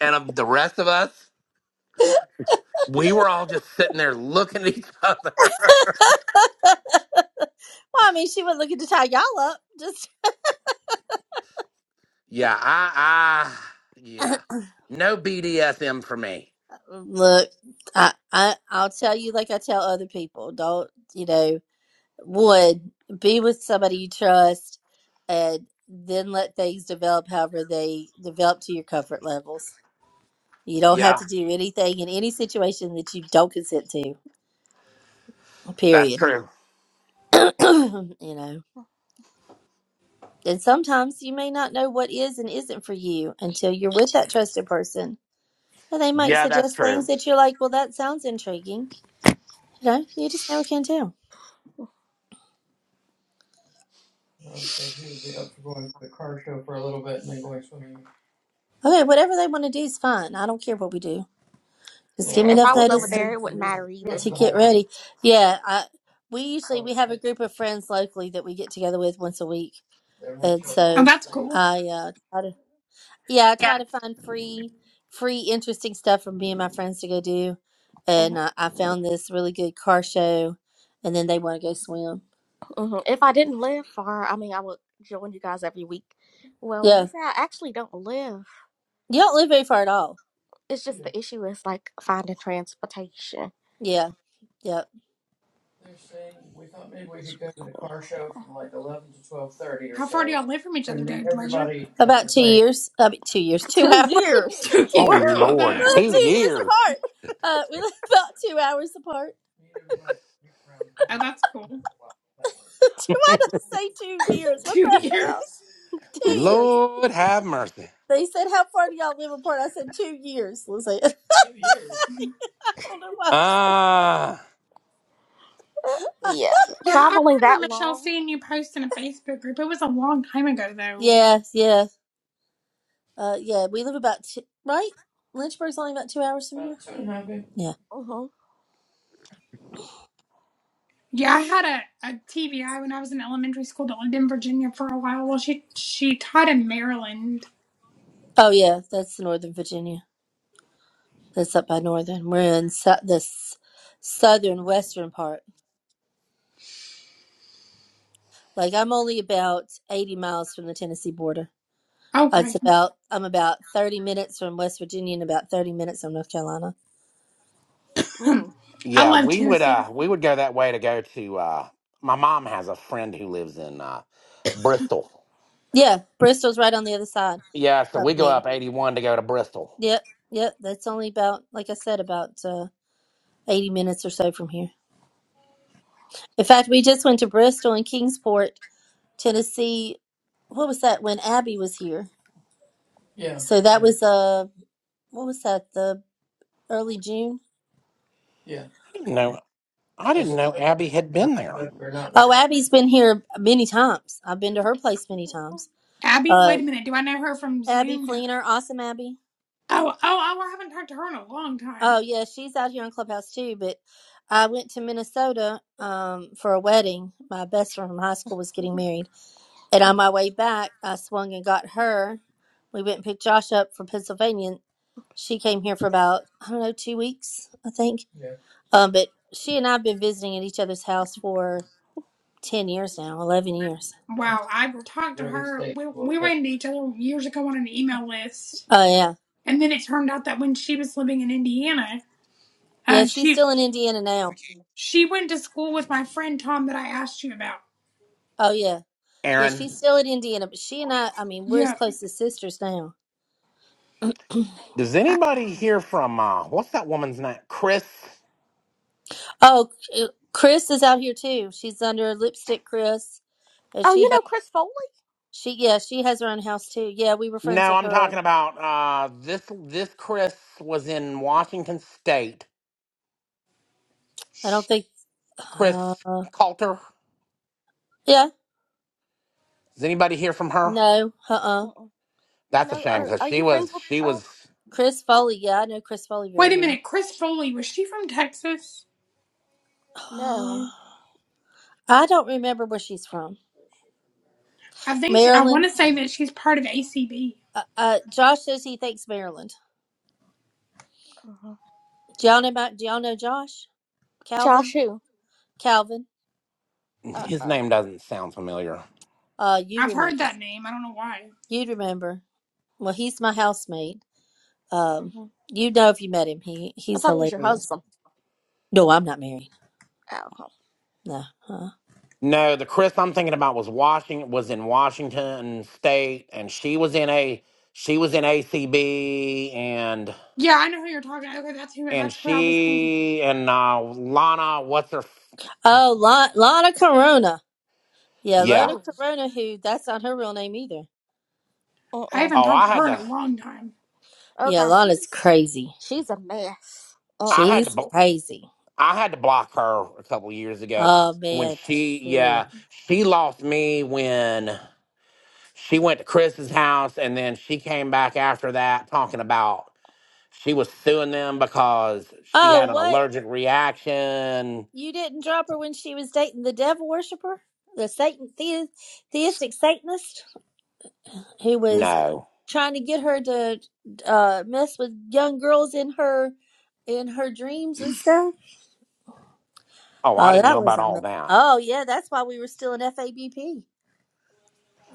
and of the rest of us we were all just sitting there looking at each other Well, I mean, she was looking to tie y'all up. Just yeah i i yeah no bdsm for me look, I, I, I'll tell you like I tell other people. Don't you know? One, be with somebody you trust, and then let things develop however they develop to your comfort levels. You don't have yeah to do anything in any situation that you don't consent to. that's Period. true you know. And sometimes you may not know what is and isn't for you until you're with that trusted person And they might yeah that's suggest true things that you're like, well, that sounds intriguing. You know, you just never can tell. Okay, whatever they want to do is fine. I don't care what we do. Just give yeah, me if I enough was over notice there, it wouldn't matter to, either. to what get we did. ready. Yeah, I, we usually we have a group of friends locally that we get together with once a week, and Oh, so that's cool. I uh, try to yeah I try to find free free interesting stuff from me and my friends to go do, Mhm. and uh, I found this really good car show, and then they want to go swim. hmm If I didn't live far, I mean, I would join you guys every week. Well, you Yeah, say I actually don't live. you don't live very far at all. It's just the issue is like finding transportation. Yeah. Yeah. How far do y'all live from each other, Dad Glazier? About two years. I mean, two years. Two Two hours. years. Two oh two Wow. years. years. lord We oh, live two two years years apart. Uh, we live about two hours apart. that's cool. Why did I say two years? What Two the hell? years. Two years. lord have mercy They said, "How far do y'all live apart?" I said, "Two years." Let's I don't know why. I said- ah yeah. Yeah, I Traveling remember that Michelle long. seeing you post in a Facebook group. It was a long time ago, though. Yeah, yeah, uh, yeah. We live about two, right. Lynchburg's only about two hours from here. About two and a half, Yeah. Yeah. hmm Yeah, I had a, a TBI when I was in elementary school that lived in Virginia for a while. Well, she she taught in Maryland. Oh yeah, that's Northern Virginia. That's up by northern. We're in su- the southern western part. Like I'm only about 80 miles from the Tennessee border. Uh, Okay, It's about I'm about 30 minutes from West Virginia and about 30 minutes from North Carolina. Mm. I Yeah, love we would Tennessee. uh we would go that way to go to uh my mom has a friend who lives in uh Bristol. Yeah, Bristol's right on the other side Yeah, so of we go me. up 81 to go to Bristol. Yep, yep. That's only about like I said about uh, 80 minutes or so from here. In fact, we just went to Bristol and Kingsport, Tennessee. What was that when Abby was here? Yeah. So that was uh what was that the early June? I didn't know I didn't know Abby had been there. Oh, Abby's been here many times. I've been to her place many times. Abby, Uh, wait a minute. Do I know her from Abby Zoom? Fleener, awesome Abby. Oh, oh, oh! I haven't talked to her in a long time. Oh yeah, she's out here on Clubhouse too. But I went to Minnesota um, for a wedding. My best friend from high school was getting married, and on my way back, I swung and got her. We went and picked Josh up from Pennsylvania. and She came here for about I don't know two weeks, I think. Um, but she and I've been visiting at each other's house for ten years now, eleven years. Wow, I talked to her. We we ran into each other years ago on an email list, Oh yeah. and then it turned out that when she was living in Indiana, Yeah, uh, she's she still in Indiana now. she went to school with my friend Tom that I asked you about. Oh yeah. Yeah, she's Aaron, still in Indiana, but she and I I mean, we're as Yeah. close as sisters now. does I- anybody hear from uh what's that woman's name? Chris? Oh, uh, Chris is out here too. She's under lipstick Chris. And Oh, she you has know Chris Foley? she yeah, she has her own house too. Yeah, we were friends No, with I'm her talking and about uh this this Chris was in Washington State. I don't think uh Chris Coulter. yeah. Does anybody hear from her? No, uh uh Mm-mm. You That's a know, shame are because are she you friends was with? she Uh, was Chris Foley, yeah, I know Chris Foley very Wait a well. minute, Chris Foley was she from Texas? no. I don't remember where she's from. I think she, I want Maryland. to say that she's part of ACB. Uh, uh Josh says he thinks Maryland. hmm Do y'all know about do y'all know Josh? Josh Calvin? who? Calvin, Uh his uh name doesn't sound familiar. uh, you'd I've heard remember. that name. I don't know why. You'd remember. Well, he's my housemate. Um, hmm you know if you met him, he I he's thought it was your hilarious. husband. No, I'm not married. Oh. No. huh? No, the Chris I'm thinking about was Washington was in Washington State, and she was in a she was in ACB, and Yeah, I know who you're talking. about. Okay, that's who. and That's who I was thinking. she and uh, Lana, what's her? f- oh, Lon- Lana Corona. Yeah, Yeah. Lana Oh. Corona. Who? That's not her real name either. Uh I uh. haven't Oh, talked I to had her in a to long time. Oh Yeah, gosh, Lana's she's crazy. she's a mess. Uh I uh had to She's bl- crazy. I had to block her a couple years ago Oh when man. she Sure. yeah she lost me when she went to Chris's house, and then she came back after that talking about she was suing them because she Oh, had an what? allergic reaction You didn't drop her when she was dating the devil worshiper, the Satan the- theistic Satanist. He was No. trying to get her to uh, mess with young girls in her in her dreams and stuff. Oh, I Oh, didn't know that was about all amazing. that. Oh yeah, that's why we were still in FABP.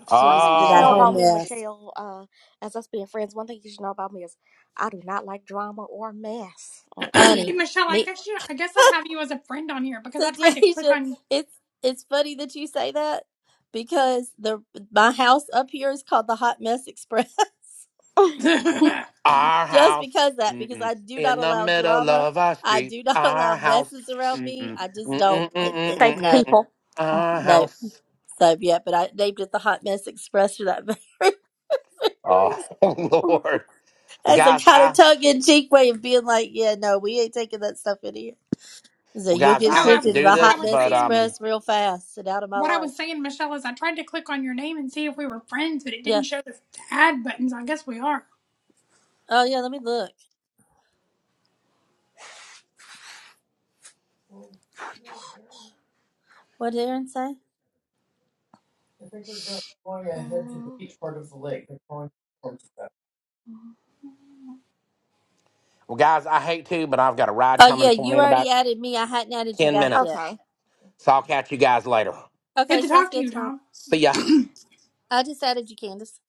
She One was thing you into should that know whole about Oh, me, mess, Michelle, uh, as us being friends, one thing you should know about me is I do not like drama or mess. Hey, Mm-mm. honey. Michelle, I Me, guess you, I guess I have you as a friend on here because so I tried to click Deja, on. it's it's funny that you say that because the my house up here is called the Hot Mess Express. no, I our Just house because that, because mm-mm, I do not in the allow middle drama. of our I street. do not Our allow house. messes around me. Mm-mm, I just don't. mm-mm, It, mm-mm, it, Fake no, mm-mm, people. mm-mm, our Mm-mm. no. house. So yeah, but I named it the Hot Mess Express for that very, very Oh, reason. Lord. Well, As a guys, kind of I tongue in cheek way of being like, yeah, no, we ain't taking that stuff in here. So well, you'll guys, get I hate to was shifted to do the what I this, Hot was Mess but saying. um, Express real fast and out of my What I life. was saying, Michelle, is I tried to click on your name and see if we were friends, but it didn't Yeah. show the add buttons. I guess we are. Oh yeah, let me look. What did Aaron say? Mm. well, guys, I hate to, but I've got a ride Oh coming yeah, for me you in about already added me. I hadn't added you ten back yet. minutes, Okay. so I'll catch you guys later. Good Okay, to sounds talk to good, you, Tom. Tom. See ya. I just added you, Candace,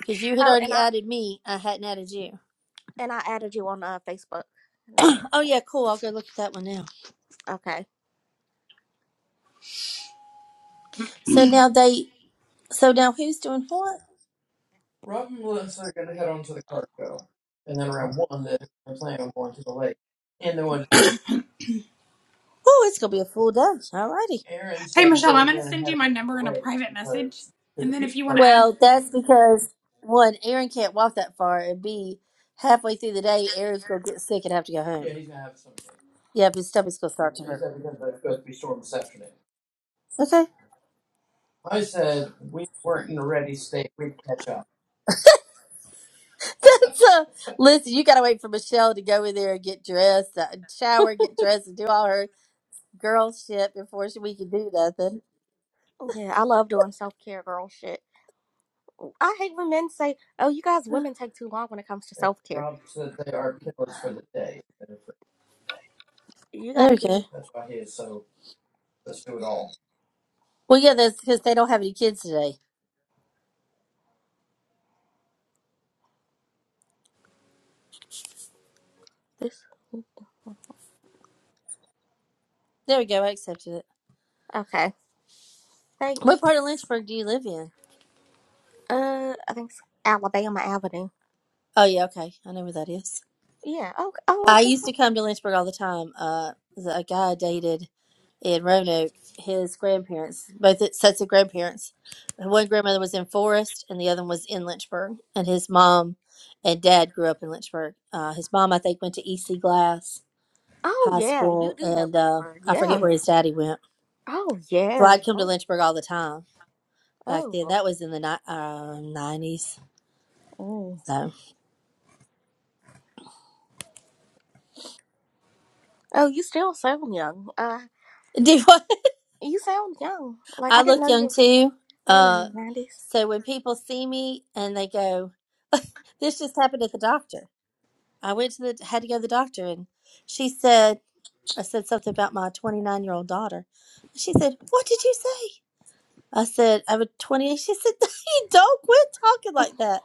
because you had Oh, and already I added me. I hadn't added you. and I added you on uh, Facebook. No, oh yeah, no. cool. I'll go look at that one now. Okay. So now they. So now who's doing what? Oh, it's gonna be a full day. Alrighty. Hey, Michelle, I'm gonna send you my number in a private message, and then if you want to add, Well, that's because one, Aaron can't walk that far, and B, halfway through the day, Aaron's gonna get sick and have to go home. Yeah, Yep, his stomach's gonna start to hurt. Okay. That's uh. listen, you gotta wait for Michelle to go in there and get dressed, uh, shower, get dressed, and do all her girl shit before she, we can do nothing. Yeah, I love doing self care girl shit. I hate when men say, "Oh, you guys women take too long when it comes to self care. You got to be Okay. Well, yeah, that's because they don't have any kids today. this." There we go. I accepted it. Okay. What part of Thanks. Lynchburg do you live in? Uh, I think it's Alabama Avenue. Oh yeah, okay. I know where that is. Yeah. Oh, oh, I okay. used to come to Lynchburg all the time. Uh, the, a guy I dated in Roanoke, his grandparents, both sets of grandparents, one grandmother was in Forest and the other one was in Lynchburg. And his mom and dad grew up in Lynchburg. Uh, his mom, I think, went to EC Glass Oh, High yeah. You School, do know and uh, Lynchburg. I forget Yeah. where his daddy went. Oh, So yeah. I'd come to Oh, Lynchburg all the time back then. oh, That was in the ni- uh, 90s. oh. So, Oh, you still sound young. Uh, you sound young. Like I I didn't look know you young were too. born in Uh, the nineties. so when people see me and they go, "This just happened at the doctor." I went to the had to go to the doctor, and she said, "I said something about my 29 year old daughter." And she said, "What did you say?" I said, "I'm a 28." She said, "You don't quit talking like that."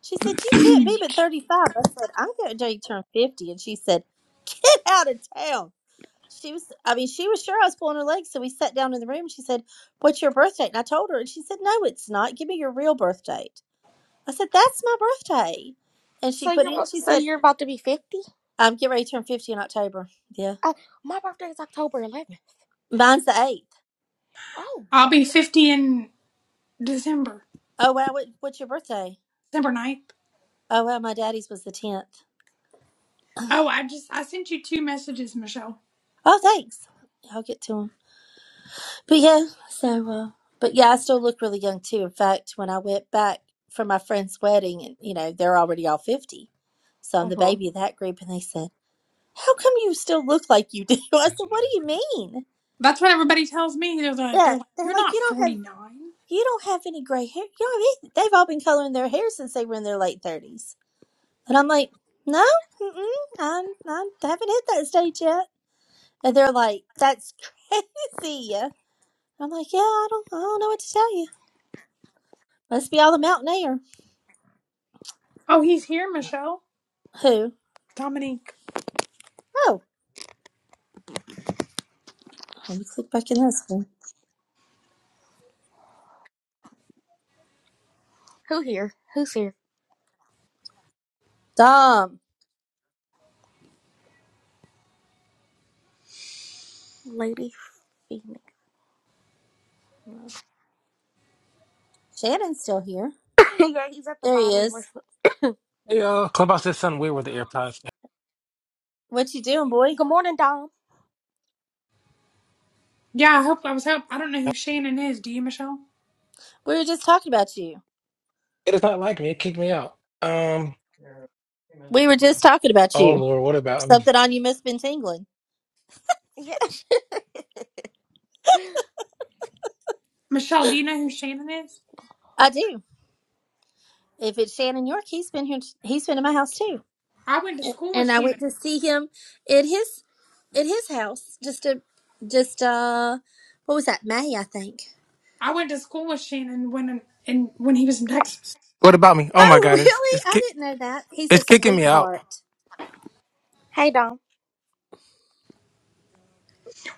She said, "You can't be but 35." I said, "I'm going to turn 50," and she said, "Get out of town." she was i mean she was sure i was pulling her leg so we sat down in the room she said what's your birth date and i told her and she said no it's not give me your real birth date i said that's my birthday and she So put it you're in abo- she so said you're about to be fifty. i'm getting ready to turn 50 in october yeah Oh, my birthday is October eleventh. mine's the 8th Oh, I'll wow. be 50 in December. oh wow what, what's your birthday December ninth. oh wow my daddy's was the 10th Oh, I just I sent you two messages, Michelle. oh thanks i'll get to him but yeah so uh but yeah i still look really young too in fact when i went back for my friend's wedding and you know they're already all 50 so i'm Uh the huh. baby of that group and they said how come you still look like you do? I said, what do you mean? That's what everybody tells me. They're like, they're Yeah, like they're you're like, not you don't have, 49. you don't have any gray hair. You know what I mean? They've all been coloring their hair since they were in their late thirties. And I'm like, no, mm-mm, I'm, I'm, I haven't hit that stage yet. And they're like, that's crazy. I'm like, yeah, I don't, I don't know what to tell you. Must be all the mountain air. Oh, he's here, Michelle. Who? Dominique. Oh, let me click back in this one. Who here? Who's here? Dom. Lady Phoenix. Shannon's still here. yeah, he's at the There he bottom. is. Listen. Hey, uh, Clubhouse did something weird with the AirPods. What you doing, boy? Good morning, Dom. Yeah, I hope I was hope I don't know who Shannon is. Do you, Michelle? We were just talking about you. It does not like me. It kicked me out. Um, We were just talking about oh you. Lord, what about me? Something on you must been tingling. Yeah. Michelle, do you know who Shannon is? I do. If it's Shannon York, he's been here. He's been in my house too, I went to and school with and I Shannon. went to see him at his at his house. Just a just uh, what was that? May I think. I went to school with Shannon when and when he was in Texas. What about me? Oh my Oh God, it's really? it's I kick, didn't know that. He's a it's kicking me out. sweetheart. Hey, Dom.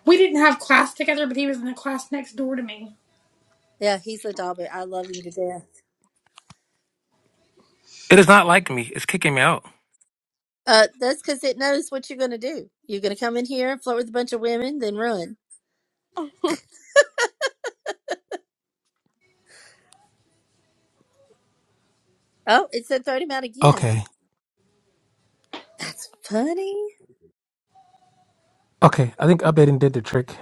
We didn't have class together, but he was in the class next door to me. Yeah, he's a doll bear. I love him to death. It is not like me. It's kicking me out. Uh, that's because it knows what you're gonna do. You're gonna come in here and flirt with a bunch of women, then run. Oh, it said thirty him out again. Okay, That's funny. okay. I think updating did the trick.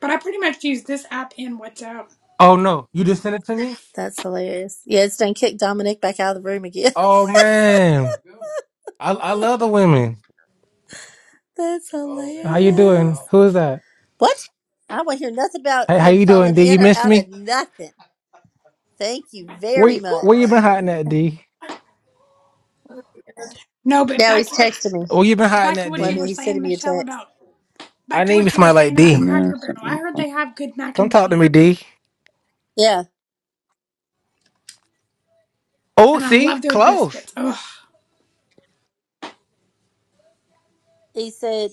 But I pretty much used this app and WhatsApp. Oh no, you just sent it to me. That's hilarious. Yeah, it's done kicked Dominic back out of the room again. Oh man, I I love the women. That's How you hilarious. doing? Who is that? What? I want to hear nothing about Hey, how him you doing, falling D? in You or missed out of me? nothing. Thank you Where very you- much. where you been hiding at, D? No, but Now back he's to what texting me. Where you been hiding back to at, what Well, I you mean, were D? he's saying, sending me a Michelle, text. about I Back to need me what you were somebody like saying about D. Tamara Cracker sent Barrel. me I the heard they link. have good mac Come and talk to me, cheese. D. Yeah. Oh, And I see, love their close. biscuits. Ugh. He said,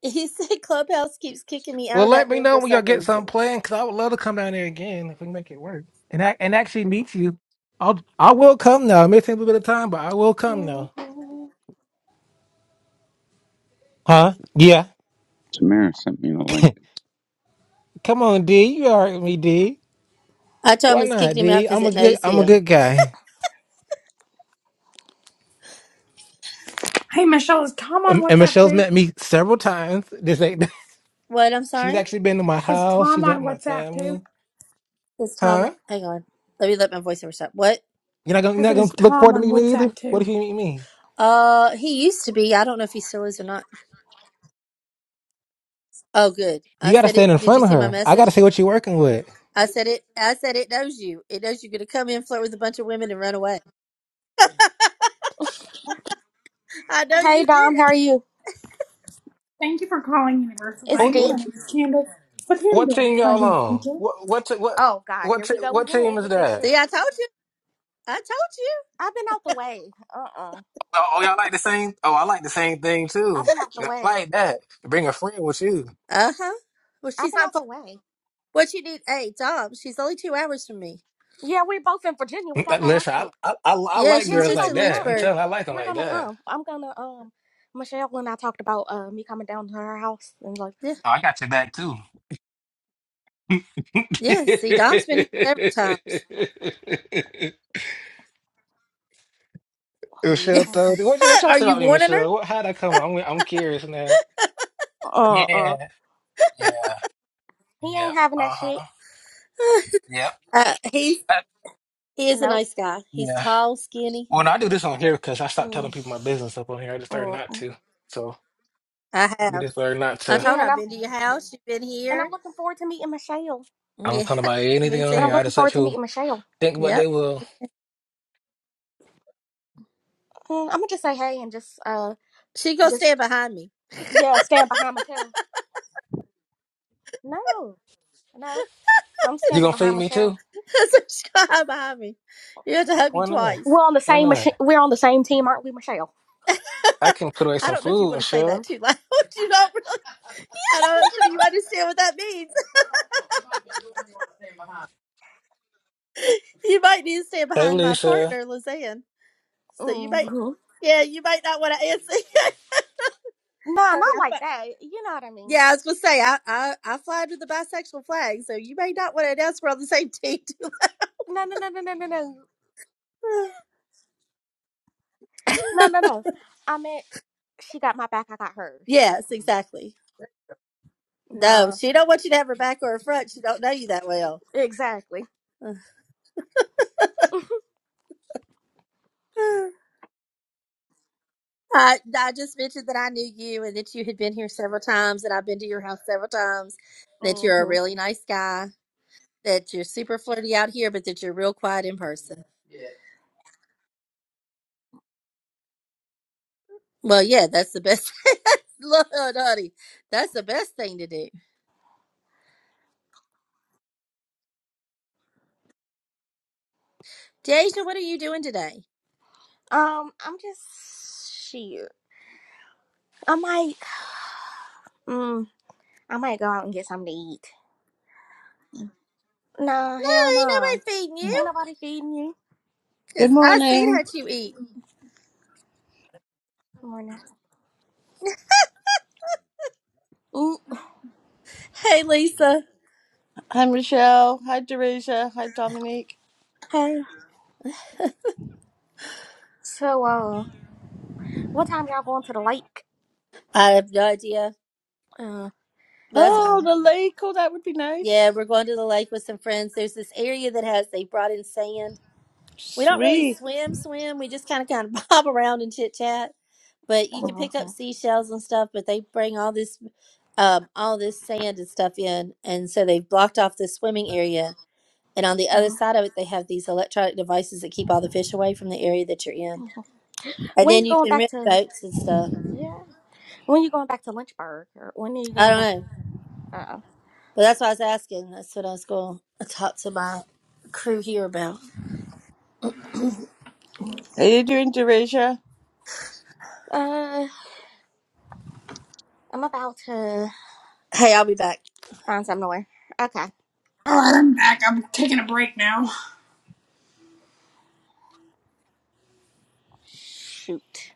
he said Clubhouse keeps kicking me out Well, of let that me room know for when y'all some get something reason. planned, cause I would love to come down there again if we can make it work and I, and actually meet you. I'll I will come now. It may take a little bit of time, but I will come now. Huh? Yeah. Tamara sent me the link. come on, D. You are with me, D. I told him Why it's not, kicking him out D? because I'm a it good knows I'm a him. good guy. Hey, Michelle, is Tom on Um, and WhatsApp Michelle's too? met me several times. This ain't. What? I'm She's sorry? actually been to my Is house. Tom She's at on my WhatsApp too? family. It's Tom. Huh? Hang on. Let me let my voiceover stop. What? You're not gonna you're I not said, is gonna look Tom forward to on meeting me either. WhatsApp What too? if you meet me? Uh, he used to be. I don't know if he still is or not. Oh, good. I You gotta said it. stand in Did you front of see my her. I gotta message? say what you're working with. I said it. I said it knows you. It knows you're gonna come in, flirt with a bunch of women, and run away. I know hey, you did. Dom. How are you? Thank you for calling Universal It's Dino. My D. name is Candace. With whom What do I have team the y'all pleasure of on? speaking? What what t- what Oh God, what here t- we go what again team is with this that? See, shit. I told you. I told you. I've been out the way. Uh uh-uh. uh. Oh, oh, y'all like the same? Oh, I like the same thing i have too. been out the I way. like that. Bring a friend with you. Uh huh. Well, I've she's been not out far. the way. What you need? Hey, Dom. She's only two hours from me. Yeah, we're both in Virginia. We got But that Listen, I accent. I, I, I Yeah, like Yeah, she's we girls just gonna like in meet that. up. I'm We're Lynchburg. telling, you, I like them we're like gonna that. come. I'm gonna um Michelle and I talked about uh me coming down to her house and like Yeah, Oh, I got your back too. yeah. See, Dom's been here several Michelle, times. though, uh what, you- what y'all Are say you about me, warning Michelle? What, how'd I come? I'm I'm curious now. uh uh Yeah, yeah, he yep, ain't having that uh shit. huh, her? yep, Uh, he Uh, he is a Nope. nice guy. He's yeah. tall, skinny. Well, no, I do this on here because I stopped Mm, telling people my business up on here. I just learned mm. not mm. to. So I you have. just learn not I to. told Yeah, her and I've I'm been to your house. You've been and I'm here. looking forward to meeting Michelle. I don't Yeah, tell about anything me on And I'm here. too. I looking just let forward to people meeting Michelle. think what Yep. they will. Mm, I'm gonna just say hey and just uh She gonna just stand behind me. yeah stand behind Michelle. No. No, I'm You standing gonna feed behind me Michelle. too? so she's gonna hide behind me. You have to hug me Why not? We're twice. on the Why same not? machi- we're on the same team, aren't we, Michelle? I can put away I some don't know if you want food, to say that sure. too loud. you don't really. I'm not sure you understand what that means. You might need to stand Hey, behind my Lisa. partner, Lizanne. So you might, hmm yeah, you might not want to answer. Nah, Honey, not I like fi- that. You know what I mean. yeah, I was gonna say I, I I fly under the bisexual flag, so you may not want to announce we're on the same team. No, no, no, no, no, no, no, no, no, no. I meant she got my back. I got hers. That's yes, what I exactly. meant. No, Nah, she don't want you to have her back or her front. She don't know you that well. exactly. I, I just mentioned that I knew you and that you had been here several times, and I've been to your house several times, that you're a hmm really nice guy, that you're super flirty out here, but that you're real quiet in person. Well, yeah, that's the best. Lord, honey, that's the best thing to do. Deja, what are you doing today? Um, I'm just shit. I might, mm, I might go out and get something to eat. Nah, hell No, nah. ain't nobody feeding Ain't you, nobody feeding you. Good 'cause I seen morning. how you eat. Morning. Mm, Hey, Lisa. Hi, Michelle. Hi, Teresa. Hi, Dominique. Okay. So, uh, what time y'all going to the lake? I have no idea, Uh. but that's why. Got Oh, the lake. Oh, that would be nice. Yeah, we're going to the lake with some friends. There's this area that has, they brought in sand we don't really Sweet. swim swim we just kind of kind of bob around and chit chat but you can Oh, pick up okay. seashells and stuff but they bring all this um all this sand and stuff in and so they've blocked off the swimming area and on the other Uh-huh. side of it they have these electronic devices that keep all the fish away from the area that you're in and When then you you going can back rent to? boats and stuff Yeah. When you going back to Lynchburg, or when are you i going don't back? know To, uh, but that's what i was asking that's what i was going to talk to my crew here about How you doing, Teresa? uh, I'm about to hey i'll be back find somewhere. Okay. All right, I'm back. I'm taking a break now. Shoot.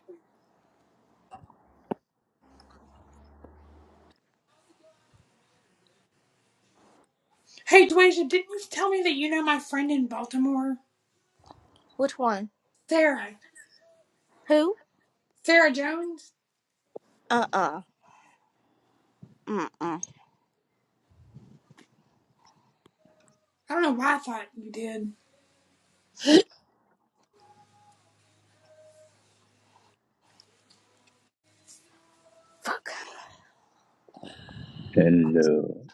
Hey, Dwasia, didn't you tell me that you know my friend in Baltimore? Which one? Sarah. Who? Sarah Jones? Uh. Uh. Mm. Mm. I don't know why I thought you did. Fuck. Hello.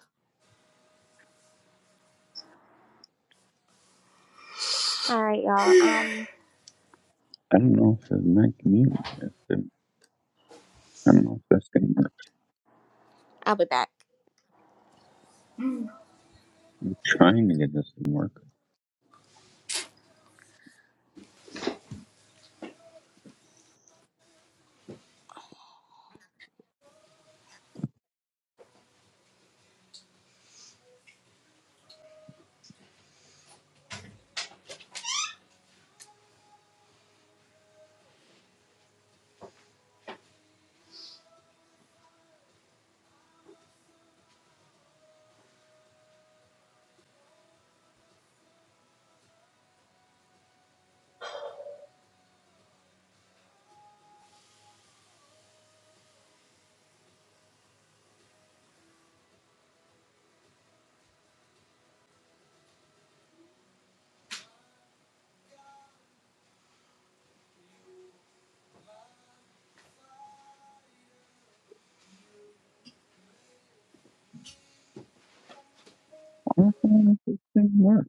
All right, y'all. Um, I don't know if the mic mute. If it, I don't know if that's gonna work. I'll be back. I'm trying to get this to work. I don't know if this thing works.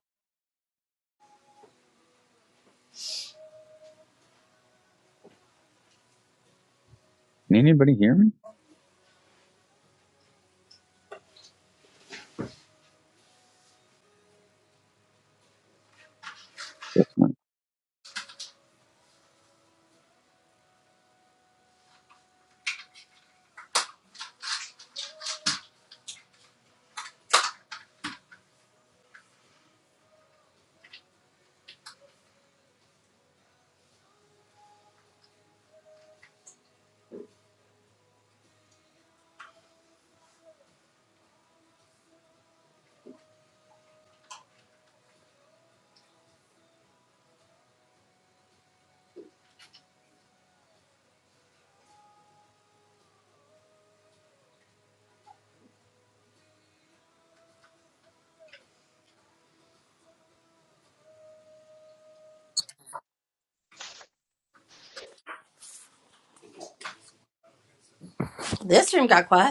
Can anybody hear me? Yes, this room got quiet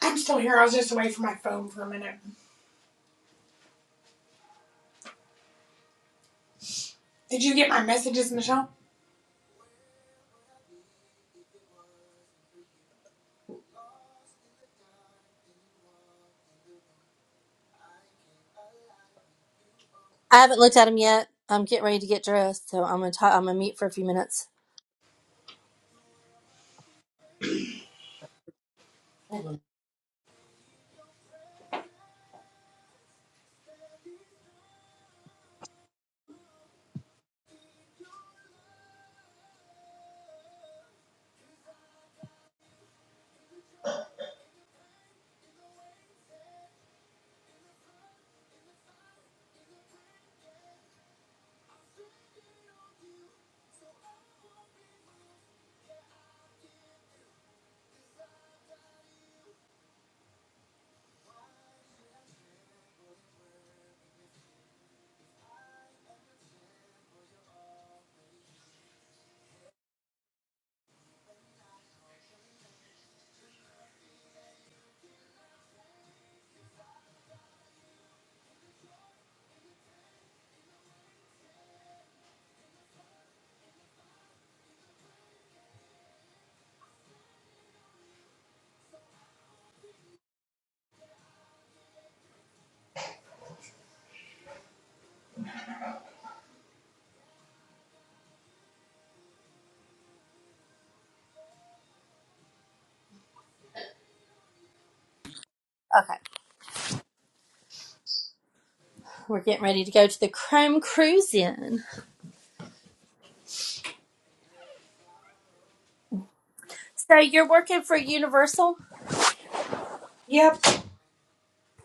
I'm still here. I was just away from my phone for a minute. Did you get my messages, Michelle? I haven't looked at them yet. I'm getting ready to get dressed, so I'm gonna talk, I'm gonna mute for a few minutes. Okay, we're getting ready to go to the Chrome Cruise Inn. So you're working for Universal? Yep.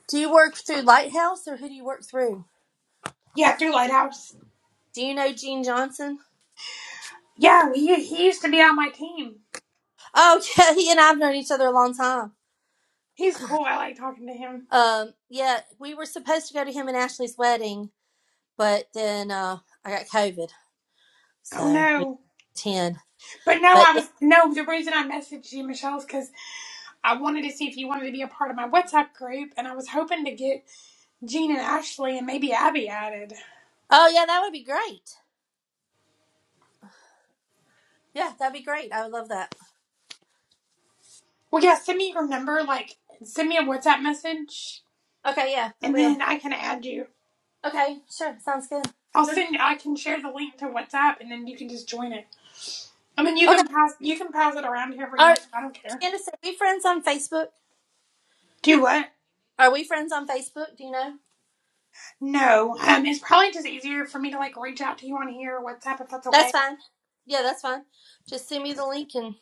Do you work through Lighthouse, or who do you work through? Yeah, through Lighthouse. Do you know Gene Johnson? Yeah, he, he used to be on my team. Oh yeah, he and I've known each other a long time. He's cool. I like talking to him. Um, yeah, we were supposed to go to him and Ashley's wedding, but then uh, I got COVID, Oh so we no. ten. But no, But I yeah. was, no, the reason I messaged you, Michelle, is because I wanted to see if you wanted to be a part of my WhatsApp group, and I was hoping to get Gene and Ashley and maybe Abby added. oh yeah, that would be great. Yeah, that'd be great. I would love that. Well, yeah, send me your number, like, send me a WhatsApp message, Okay, yeah, I and will. then I can add you. Okay, sure. Sounds good. I'll Sure. send, I can share the link to WhatsApp, and then you can just join it. I mean, you Okay. can pass, you can pass it around whoever you Are want. I don't care. Candace, are we friends on Facebook? Do what? Are we friends on Facebook? Do you know? No, um, it's probably just easier for me to like reach out to you on here, WhatsApp, if that's That's okay. fine. Yeah, that's fine. Just send me the link and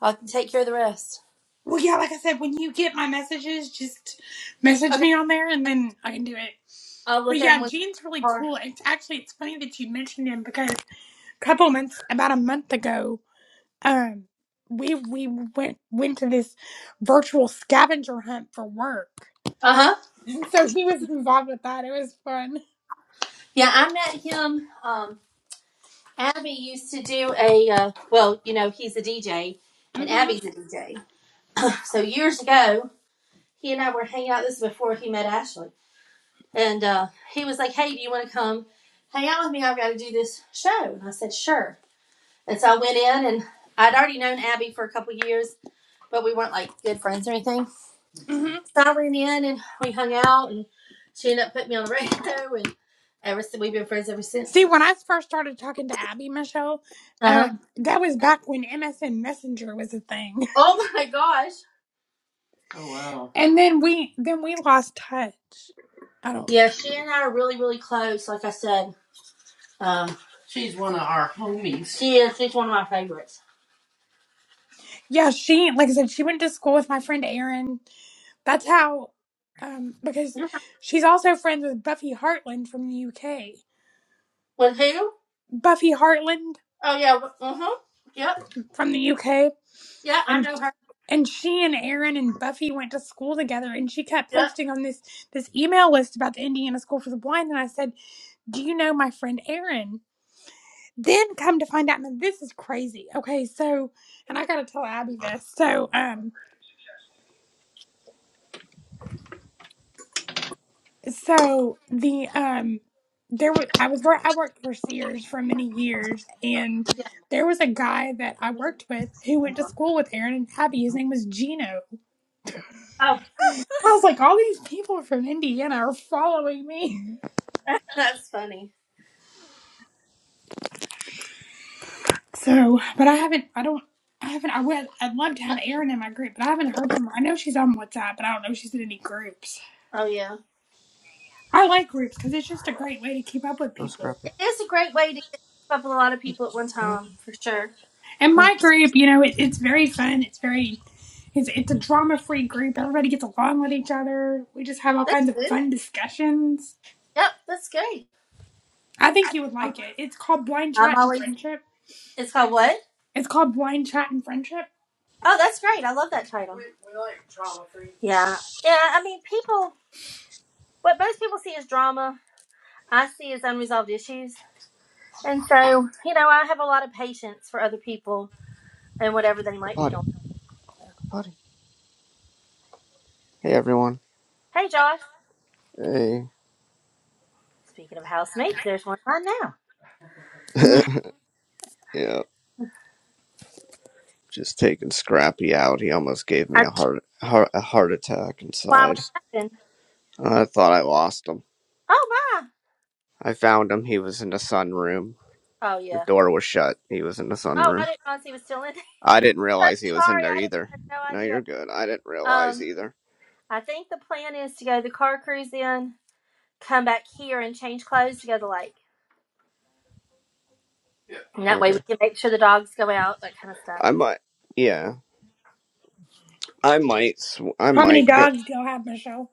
I can take care of the rest. Well, yeah, like I said, when you get my messages, just message Okay. me on there, and then I can do it. I'll But look at him yeah, when I Gene's really car. cool. It's actually it's funny that you mentioned him because a couple months, about a month ago, um, we we went went to this virtual scavenger hunt for work, Uh huh. and so he was involved with that. It was fun. Yeah, I met him. Um, Abby used to do a uh, well, you know, he's a DJ and Abby's Mhm. a DJ. So years ago, he and I were hanging out. This is before he met Ashley. And uh, he was like, Hey, do you want to come hang out with me? I've got to do this show. And I said, Sure. And so I went in, and I'd already known Abby for a couple years, but we weren't like good friends or anything. So I went in and we hung out, and she ended up putting me on the radio, and ever since we've been friends ever See, since. when I first started talking to Abby Michelle, Uh huh. um, that was back when MSN Messenger was a thing, Oh my gosh. and then we then we lost touch. I don't. Yeah, she and I are really, really close. Like I said, um, she is. She's one of my favorites. Yeah, she like I said, she went to school with my friend Erin. That's how, um, because she's also friends with Buffy Hartland from the UK. With who? Buffy Hartland Oh yeah. Uh huh. Yep. from the UK. Yeah, I and know her. and she and Aaron and Buffy went to school together and she kept Yep. posting on this this email list about the Indiana School for the Blind and I said, "Do you know my friend Aaron?" Then come to find out now this is crazy. Okay, so and I got to tell Abby this. So, um so the um there was I was wor- I worked for Sears for many years and Yeah. there was a guy that I worked with who went to school with Aaron and Abby. His name was Gino Oh, I was like, all these people from Indiana are following me. that's funny. So, but I haven't, I don't, I haven't, I would, I'd love to have Erin in my group, but I haven't heard from her. I know she's on WhatsApp, but I don't know if she's in any groups. Oh yeah, I like groups because it's just a great way to keep up with No people. scrappy. it is a great way to get up with a lot of people at one Go ahead. time for sure. And Go. my group, you know, it, it's very fun. It's very, it's, it's a drama free group. Everybody gets along with each other. We just have all That's kinds of good. fun discussions. Yep, that's great. I think you would like it. It's called Blind I'm Chat and always. Friendship. It's called what? It's called Blind Chat and Friendship. Oh, that's great. I love that title. We we like drama. free. Yeah, yeah. I mean, people. What most people see as drama, I see as unresolved issues, and so you know, I have a lot of patience for other people and whatever they Go might be potty. going. Go potty. Hey everyone. Hey, Josh. Hey. Speaking of housemates, there's one right now. Yeah. Just taking Scrappy out. He almost gave me I a heart heart, a heart attack why would inside. happen? I thought I lost him. Oh my. I found him. He was in the sunroom. Oh The yeah. door was shut. He was in the Oh, I sunroom. didn't realize he was still in. there. I didn't I'm realize he was in sorry, there I didn't either. I No, you're had good. I didn't no idea. realize Um, either. I think the plan is to go the car cruise in, come back here, and change clothes to go to the lake. And that way Okay. we can make sure the dogs go out, that kind of stuff. I might. Yeah. I might. Sw- I How many might go. dogs do you have, Michelle?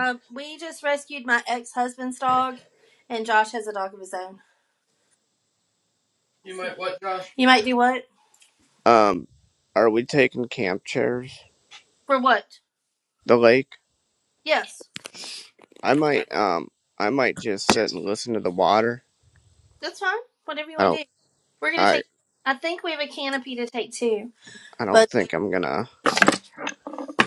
Um, we just rescued my ex husband's dog, and Josh has a dog of his own. You might what, Josh? You might do what? Um. Are we taking camp chairs? For what? The lake. Yes, I might um I might just sit and listen to the water. that's fine. Whatever you I want to don't do. We're gonna I take. I think we have a canopy to take too. I don't But think I'm gonna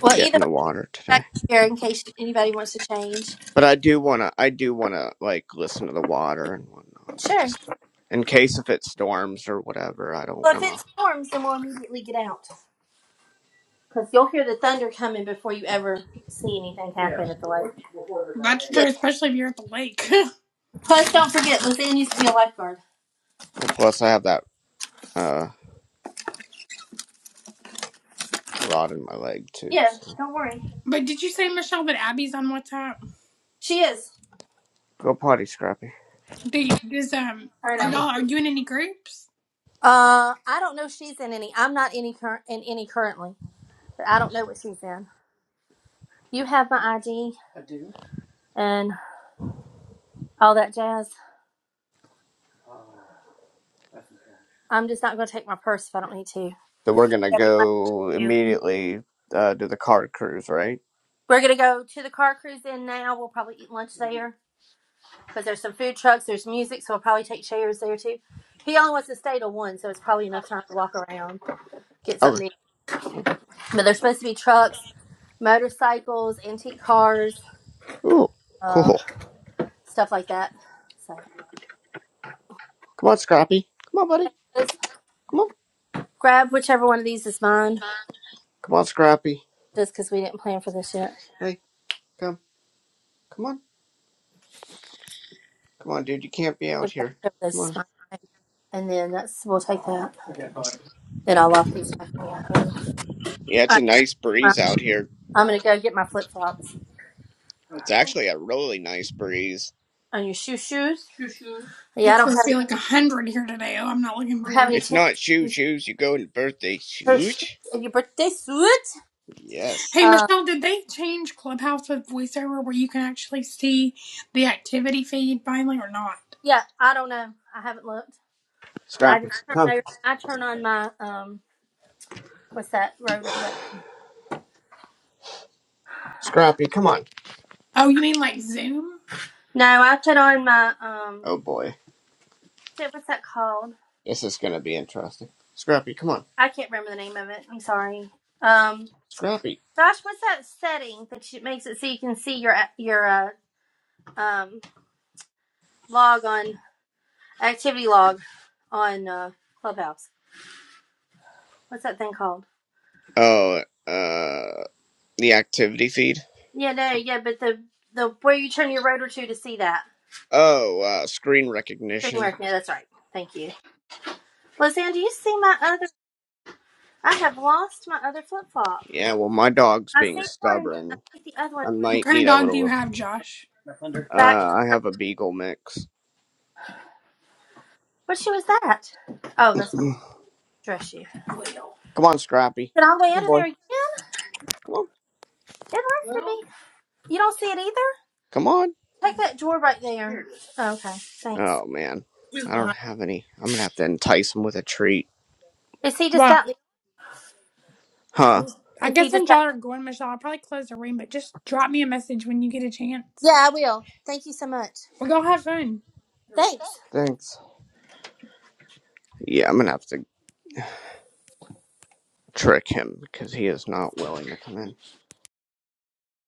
well, get either in the way, water back today. here in case anybody wants to change. But I do wanna I do wanna like listen to the water and whatnot. I Sure. just in case if it storms or whatever, I don't Well, if it wanna storms, then we'll immediately get out. Because you'll hear the thunder coming before you ever see anything happen at the lake. That's Yeah. true, especially if you're at the lake. Plus, don't forget, Lizanne used to be a lifeguard. well plus I have that uh rod in my leg too, Yeah, so don't worry. but did you say, Michelle, that Abby's on WhatsApp? She is. go potty scrappy. They is um All right, are I'm. Potty. y'all are you in any groups? Uh, I don't know if she's in any. I'm not any current in any currently, but I don't know what she's in. You have my ID and all that jazz. I'm just not going to take my purse if I don't need to. So we're gonna Yeah, we might- go immediately uh do the car cruise, right? We're going to go to the car cruise in now. We'll probably eat lunch there. because there's some food trucks, there's music, so we'll probably take chairs there too. He only wants to stay till one, so it's probably enough time to walk around, get Okay. something. Okay. But there's supposed to be trucks, motorcycles, antique cars, Ooh, uh, cool. stuff like that. So Come on, Scrappy. Come on, buddy. just Come on. grab whichever one of these is mine, Come on, Scrappy. just because we didn't plan for this yet. Hey. Come, come on, come on, dude. You can't be So out grab here. whichever of those Come is on, mine, and then that's we'll take that. Then come I'll on. lock these back. when I get home. Yeah, All it's right, a nice Ma, breeze out here. I'm gonna go get my flip flops It's actually a really nice breeze. on your shoe shoes. Yeah, I It's don't supposed have, to be I like a hundred here today. Oh, I'm not looking don't have forward. any It's not tennis. shoo shoes. You go in birthday Her shoes shoot. and your birthday suit? Yes. Hey Uh, Michelle, did they change Clubhouse with voiceover where you can actually see the activity feed finally or not? yeah, I don't know. I haven't looked. I Scrappy, just turn come. over, I turn on my um what's that rotor? bra- Scrappy, come on. Oh, you mean like Zoom? No, I put on my um Oh boy, shit. What's that called? this is gonna be interesting. Scrappy, come on. I can't remember the name of it. I'm sorry. Um, Scrappy. Josh, what's that setting that you, makes it so you can see your your uh, um log on activity log on uh, Clubhouse? What's that thing called? Oh, uh, the activity feed. Yeah, no, yeah, but the the where you turn your rotor to to see that Oh, uh, screen recognition. streamer. Yeah, that's right. Thank you. Lizanne, do you see my other? I have lost my other flip flop. Yeah, well, my dog's I being see one. I stubborn. think the other one I What might kind of need a dog do you little. have, Josh? Uh, back. I have a beagle mix. What shoe was that? Oh, that's my dress shoe. Is Come on, Scrappy. it all the way Come on, under boy. there again? Come on. It has to be. You don't see it either. Come on. Take that drawer right there. Oh, okay, thanks. Oh man, I don't have any. I'm gonna have to entice him with a treat, Is he just Well, out? huh? I Is he guess just since out? y'all are going, Michelle, I'll probably close the room, but just drop me a message when you get a chance. Yeah, I will. Thank you so much. Well, y'all have fun. Thanks. Thanks. Yeah, I'm gonna have to trick him because he is not willing to come in.